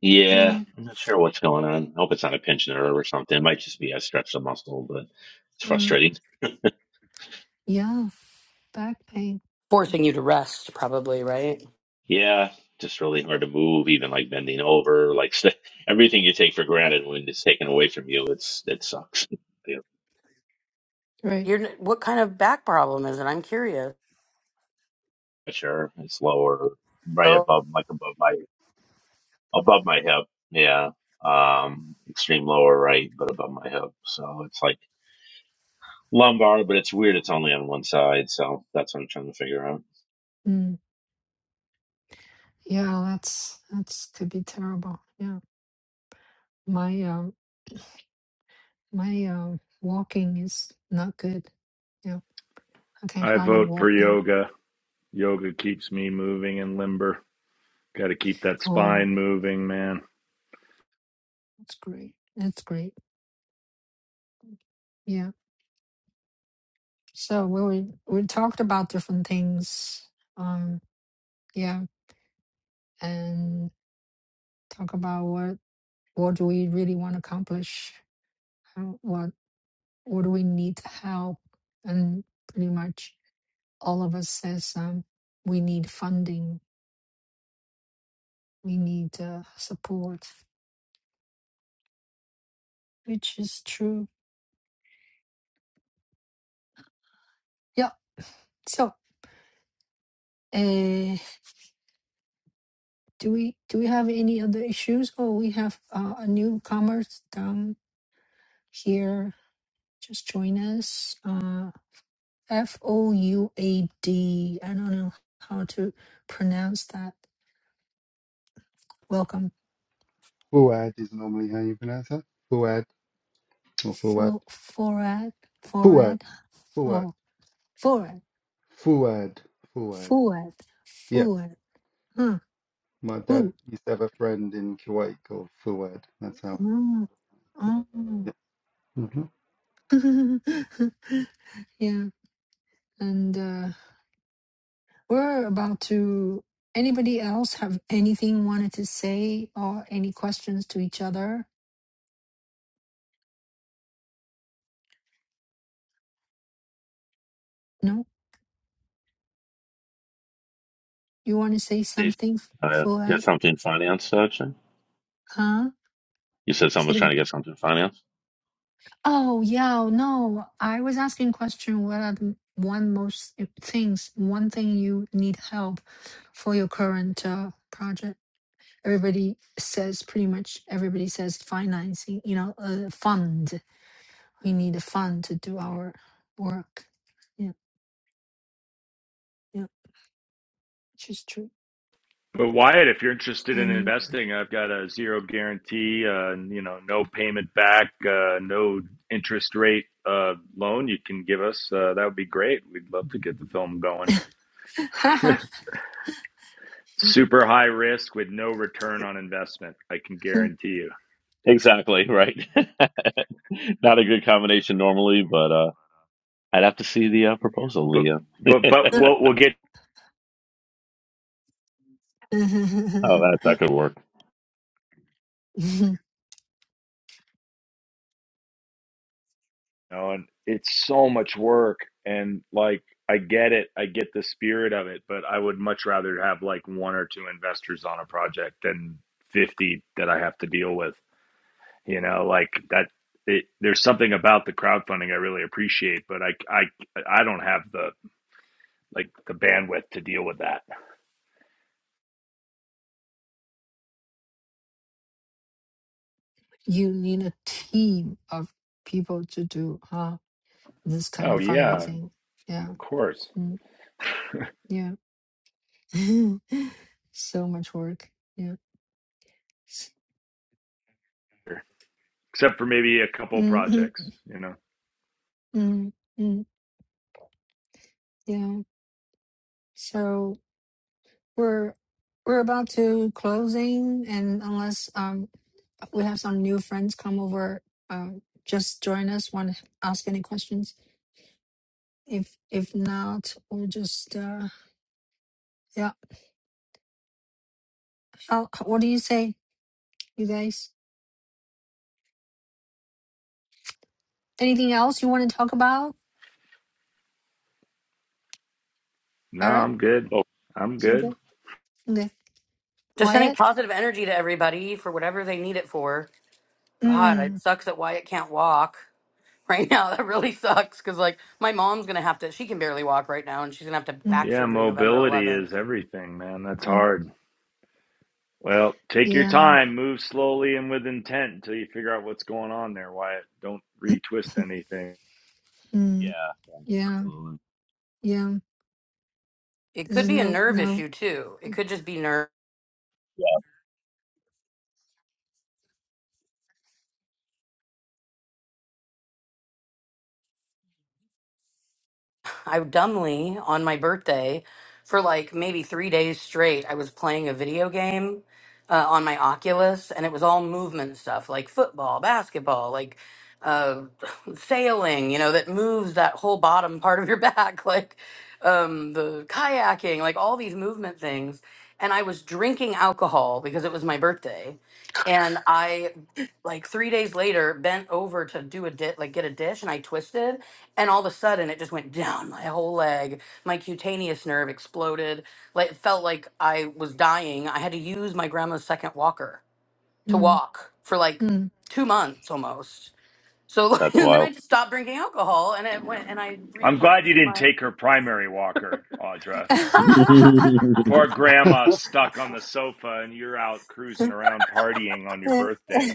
H: Yeah,
A: Mm,
H: I'm not sure what's going on. I hope it's not a pinched nerve or something. It might just be I stretched a muscle, but it's
A: mm,
H: frustrating.
A: yeah, back pain.
F: Forcing you to rest, probably, right?
H: Yeah, just really
A: Mm.
H: hard to move, even like bending over, like st- everything you take for granted when it's taken away from you, it's it sucks. Yeah,
A: Right.
F: You're n- what kind of back problem is it? I'm curious.
H: pressure, it's lower, right
F: Oh,
H: above, like above my above my hip. Yeah. Um, extreme lower right, but above my hip. So it's like lumbar, but it's weird. It's only on one side. So that's what I'm trying to figure out.
A: Mm, yeah, that's that's could be terrible. Yeah. My um my um walking is not good. Yeah. I can
D: I
A: hardly
D: vote for
A: walk now.
D: yoga. Yoga keeps me moving and limber. Got to keep that
A: Oh,
D: spine moving, man.
A: that's great. That's great. Yeah. So we we we talked about different things. Um yeah, and talk about what what do we really want to accomplish? How, what what do we need help and pretty much all of us says um, we need funding, we need uh, support, which is true. Yeah. So, uh, do we do we have any other issues? Oh, we have uh, a newcomer down here. Just join us. Uh, F O U A D. I don't know how to pronounce that. Welcome,
C: Fuad is normally how you pronounce that. Fuad or Fuad.
A: For Forad,
C: Fuad.
A: Forad,
C: Fuad.
A: oh, Forad,
C: Fuad. Fuad.
A: Fuad,
C: Yes.
A: Fuad, huh?
C: My dad
A: Ooh.
C: used to have a friend in Kuwait called Fuad. That's how I
A: Oh.
C: know.
A: Yeah. And uh, we're about to. Anybody else have anything wanted to say or any questions to each other? No? You want to say
H: Dave,
A: something,
H: uh, get
A: Fuad?
H: something financed, actually?
A: Huh?
H: You said
A: Say it
H: someone's trying
A: again.
H: to get something financed?
A: Oh, yeah. No, I was asking question. What are the one most eh, things, one thing you need help for your current uh, project? Everybody says pretty much. Everybody says financing. You know, uh, fund. we need the fun to do our work. Yeah, yeah, which is true.
D: But Wyatt, if you're interested in
A: And
D: investing, I've got a zero guarantee, uh, you know, no payment back, uh, no interest rate uh, loan you can give us. Uh, that would be great. We'd love to get the film going. Super high risk with no return on investment. I can guarantee you.
H: Exactly. Right. Not a good combination normally, but, uh, I'd have to see the uh, proposal,
D: But
H: Leah.
D: but
H: oh,
D: but we'll we'll get.
H: that, that could work.
D: You know, and it's so much work, and like I get it, I get the spirit of it, but I would much rather have like one or two investors on a project than 50 that I have to deal with. you know like that it, there's something about the crowdfunding I really appreciate but I I I don't have the like the bandwidth to deal with that
A: you need a team of people to do huh? this kind
D: oh
A: of
D: yeah of
A: fundraising. Yeah,
D: course
A: mm, yeah. so much work. Yeah.
D: except for maybe a couple
A: Mm, mm,
D: projects you know
A: mm, mm, yeah. So we're we're about to closing, and unless um we have some new friends come over. Um, just join us. Want to ask any questions? If if not, we'll just uh, yeah. How, what do you say, you guys? Anything else you want to talk about,
D: no
A: Eric?
D: I'm good
H: Oh,
D: I'm
A: You
D: good
A: good? Okay.
F: just sending
A: Wyatt?
F: positive energy to everybody for whatever they need it for. God, it
A: Mm,
F: sucks that Wyatt can't walk right now. That really sucks because, like, my mom's gonna have to. She can barely walk right now, and she's gonna have to
A: mm,
F: back
D: yeah
F: surgery November
D: mobility
F: 11th.
D: is everything man that's
A: mm.
D: hard well take your
A: Yeah.
D: time move slowly and with intent until you figure out what's going on there Wyatt don't retwist anything
A: Mm,
H: yeah.
A: yeah.
H: Absolutely.
A: Yeah.
F: It
A: This
F: could
A: is
F: be a
A: no
F: nerve
A: no.
F: issue too. It could just be nerve.
H: Yeah.
F: I dumbly on my birthday for like maybe three days straight. I was playing a video game uh, on my Oculus, and it was all movement stuff like football, basketball, like uh, sailing. You know, that moves that whole bottom part of your back, like um, the kayaking, like all these movement things. And I was drinking alcohol because it was my birthday, and I like three days later bent over to do a di- like get a dish, and I twisted and all of a sudden it just went down my whole leg my cutaneous nerve exploded like it felt like i was dying i had to use my grandma's second walker to
A: Mm,
F: walk for like
A: mm.
F: two months almost so
H: That's
F: and then i
H: wild.
F: just stopped drinking alcohol and it went and i
D: I'm glad you
F: replenished
D: didn't
F: my
D: take her primary walker Audra
H: I
D: Poor
C: Yeah.
D: grandma's stuck on the sofa and you're out cruising around partying on your birthday.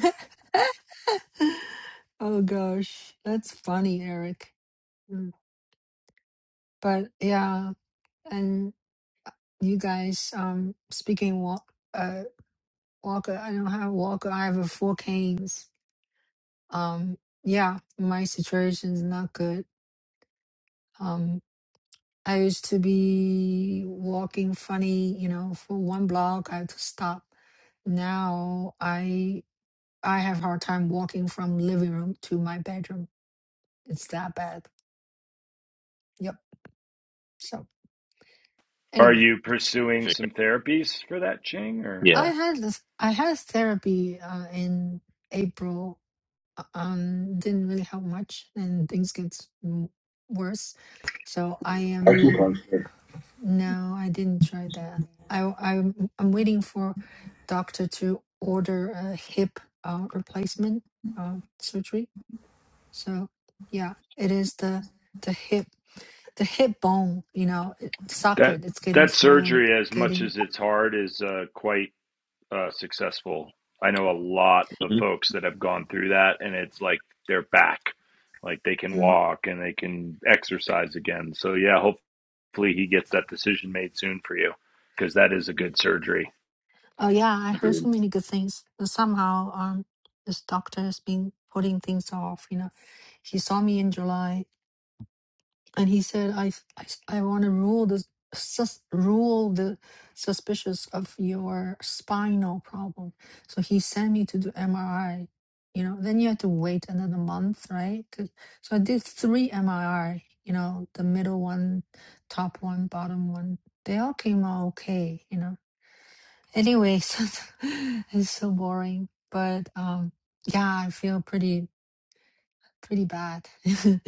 A: oh gosh, that's funny, Eric. Mm. But yeah, and uh, you guys, um, speaking walk, uh, Walker, I don't have Walker. I have a four canes. Um, yeah, my situation's not good. Um, I used to be walking funny, you know, for one block. I had to stop. Now I I have hard time walking from living room to my bedroom. It's that bad. Yep. So
D: Are
A: anyway,
D: you pursuing
H: figured.
D: some therapies for that, Ching? Or
A: I
H: Yeah.
A: had this. I had therapy uh, in April um, didn't really help much, and things get m- worse. So I
G: Thank
A: am
G: you, Juan.
A: no, I didn't try that. I I'm, I'm waiting for doctor to order a hip uh, replacement uh, surgery. So yeah, it is the the hip the hip bone, you know, it,
D: that
A: socket. It's getting
D: that
A: smaller, and
D: surgery, as much
A: getting.
D: as it's hard, is uh, quite uh, successful. I know a lot of
H: Mhm.
D: folks that have gone through that, and it's like they're back, like they can
A: Mm,
D: walk and they can exercise again. So yeah, hopefully he gets that decision made soon for you, because that is a
A: yeah.
D: good surgery.
A: Oh yeah, I heard
H: Agreed.
A: so many good things. And somehow, um, this doctor has been putting things off. You know, he saw me in July, and he said, "I, I, I want to rule the sus, rule the suspicious of your spinal problem." So he sent me to do MRI. You know, then you had to wait another month, right? 'Cause- So I did three MRI. You know, the middle one, top one, bottom one. They all came out okay. You know Anyway, so it's so boring. But um, yeah, I feel pretty pretty bad.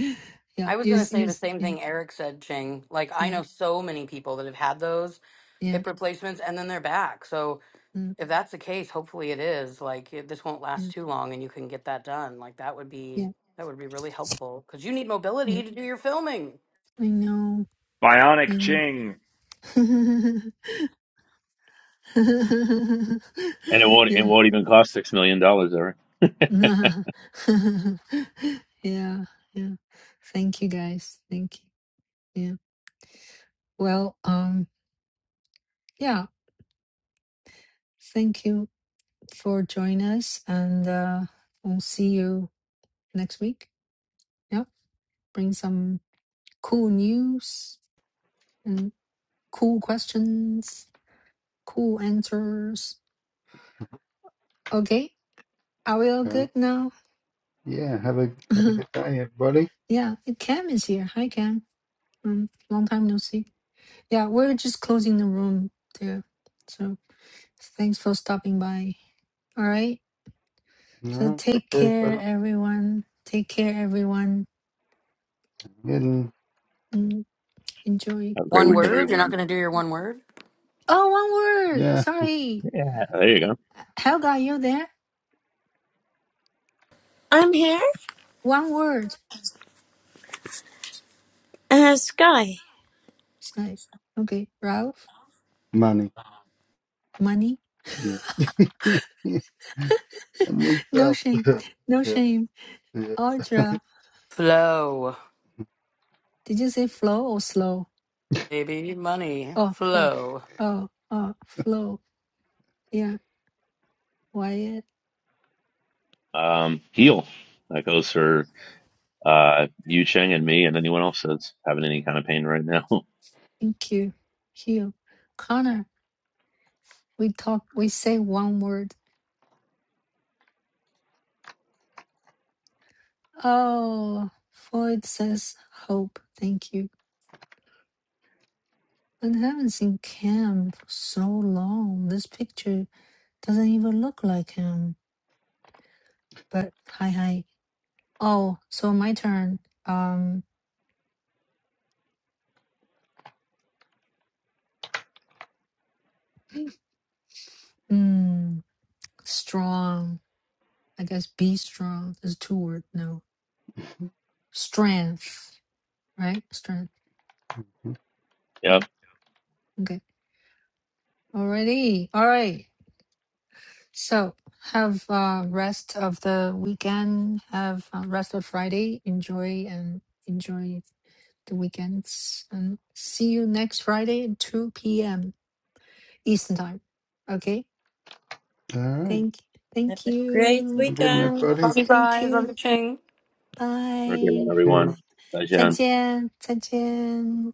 A: yeah,
F: i was going to
A: use
F: say the
A: use
F: same
A: yeah
F: thing eric said ching like i
A: yeah
F: know so many people that have had those
A: yeah
F: hip replacements and then they're back so
A: mm,
F: if that's the case, hopefully it is, like, it, this won't
A: yeah
F: last too long and you can get that done. Like, that would
A: yeah
F: be, that would be really helpful because you need
A: yeah.
F: mobility to do your filming.
A: I know, I
D: Bionic
A: know.
D: Ching,
H: And it won't it
A: yeah,
H: won't even cost six million dollars, Eric. Have
A: yeah, yeah. Thank you guys. Thank you. Yeah. Well, um, yeah. Thank you for joining us, and uh, we'll see you next week. Yeah. bring some cool news and cool questions, cool answers. Okay, are we all
C: hmm
A: good now?
C: Yeah, have a have a good day, everybody.
A: yeah, hey, Cam is here. Hi, Cam. Um, long time no see. Yeah, we're just closing the room too. So thanks for stopping by. All right.
C: All
A: So
C: right, take
A: take
C: care,
A: care,
C: everybody.
A: everyone. Take care, everyone.
C: Getting
A: Mm, enjoy.
H: a great
F: One
H: weekend,
A: Enjoy.
F: word, you're not
H: everyone.
F: going to do your one word?
A: Oh, one word.
C: yeah,
A: Sorry.
H: Yeah, there you go.
A: Helga, you there?
B: I'm here,
A: One word.
B: uh, Sky.
A: It's like, okay, Ralph,
C: money.
A: money,
C: Yeah, yeah, I need
A: no
C: some.
A: shame, no
C: yeah,
A: shame.
C: yeah.
A: Audra,
F: Flow,
A: did you say flow or slow?
F: baby, money,
A: Oh, flow.
F: flow.
A: Oh, oh, flow. Yeah, Wyatt,
H: Um, heal. That goes for uh, you, Cheng, and me, and anyone else that's having any kind of pain right now.
A: thank you. Hugh, Connor, we talk, we say one word. Oh, Floyd says hope. Thank you. But I haven't seen Cam for so long. This picture doesn't even look like him. But hi, hi. Oh, so my turn. Um, Mm, strong. I guess be strong is two word. No, strength. Right, strength.
H: yep.
A: Mm, okay. Alrighty. All right. So have uh, rest of the weekend. Have uh, rest of Friday. Enjoy and enjoy the weekends. And see you next Friday at two p.m. Eastern time. Okay.
C: All right,
A: Thank.
B: Have
A: Thank
B: a great
C: have
A: you.
C: a good one,
B: weekend.
C: everybody.
F: Love you
A: Thank
F: guys, love
A: you.
F: you, Ching.
H: Have a great one,
A: Bye.
C: Cheers.
H: everyone. Bye,
C: Bye.
H: Jen.
A: 再见，再见。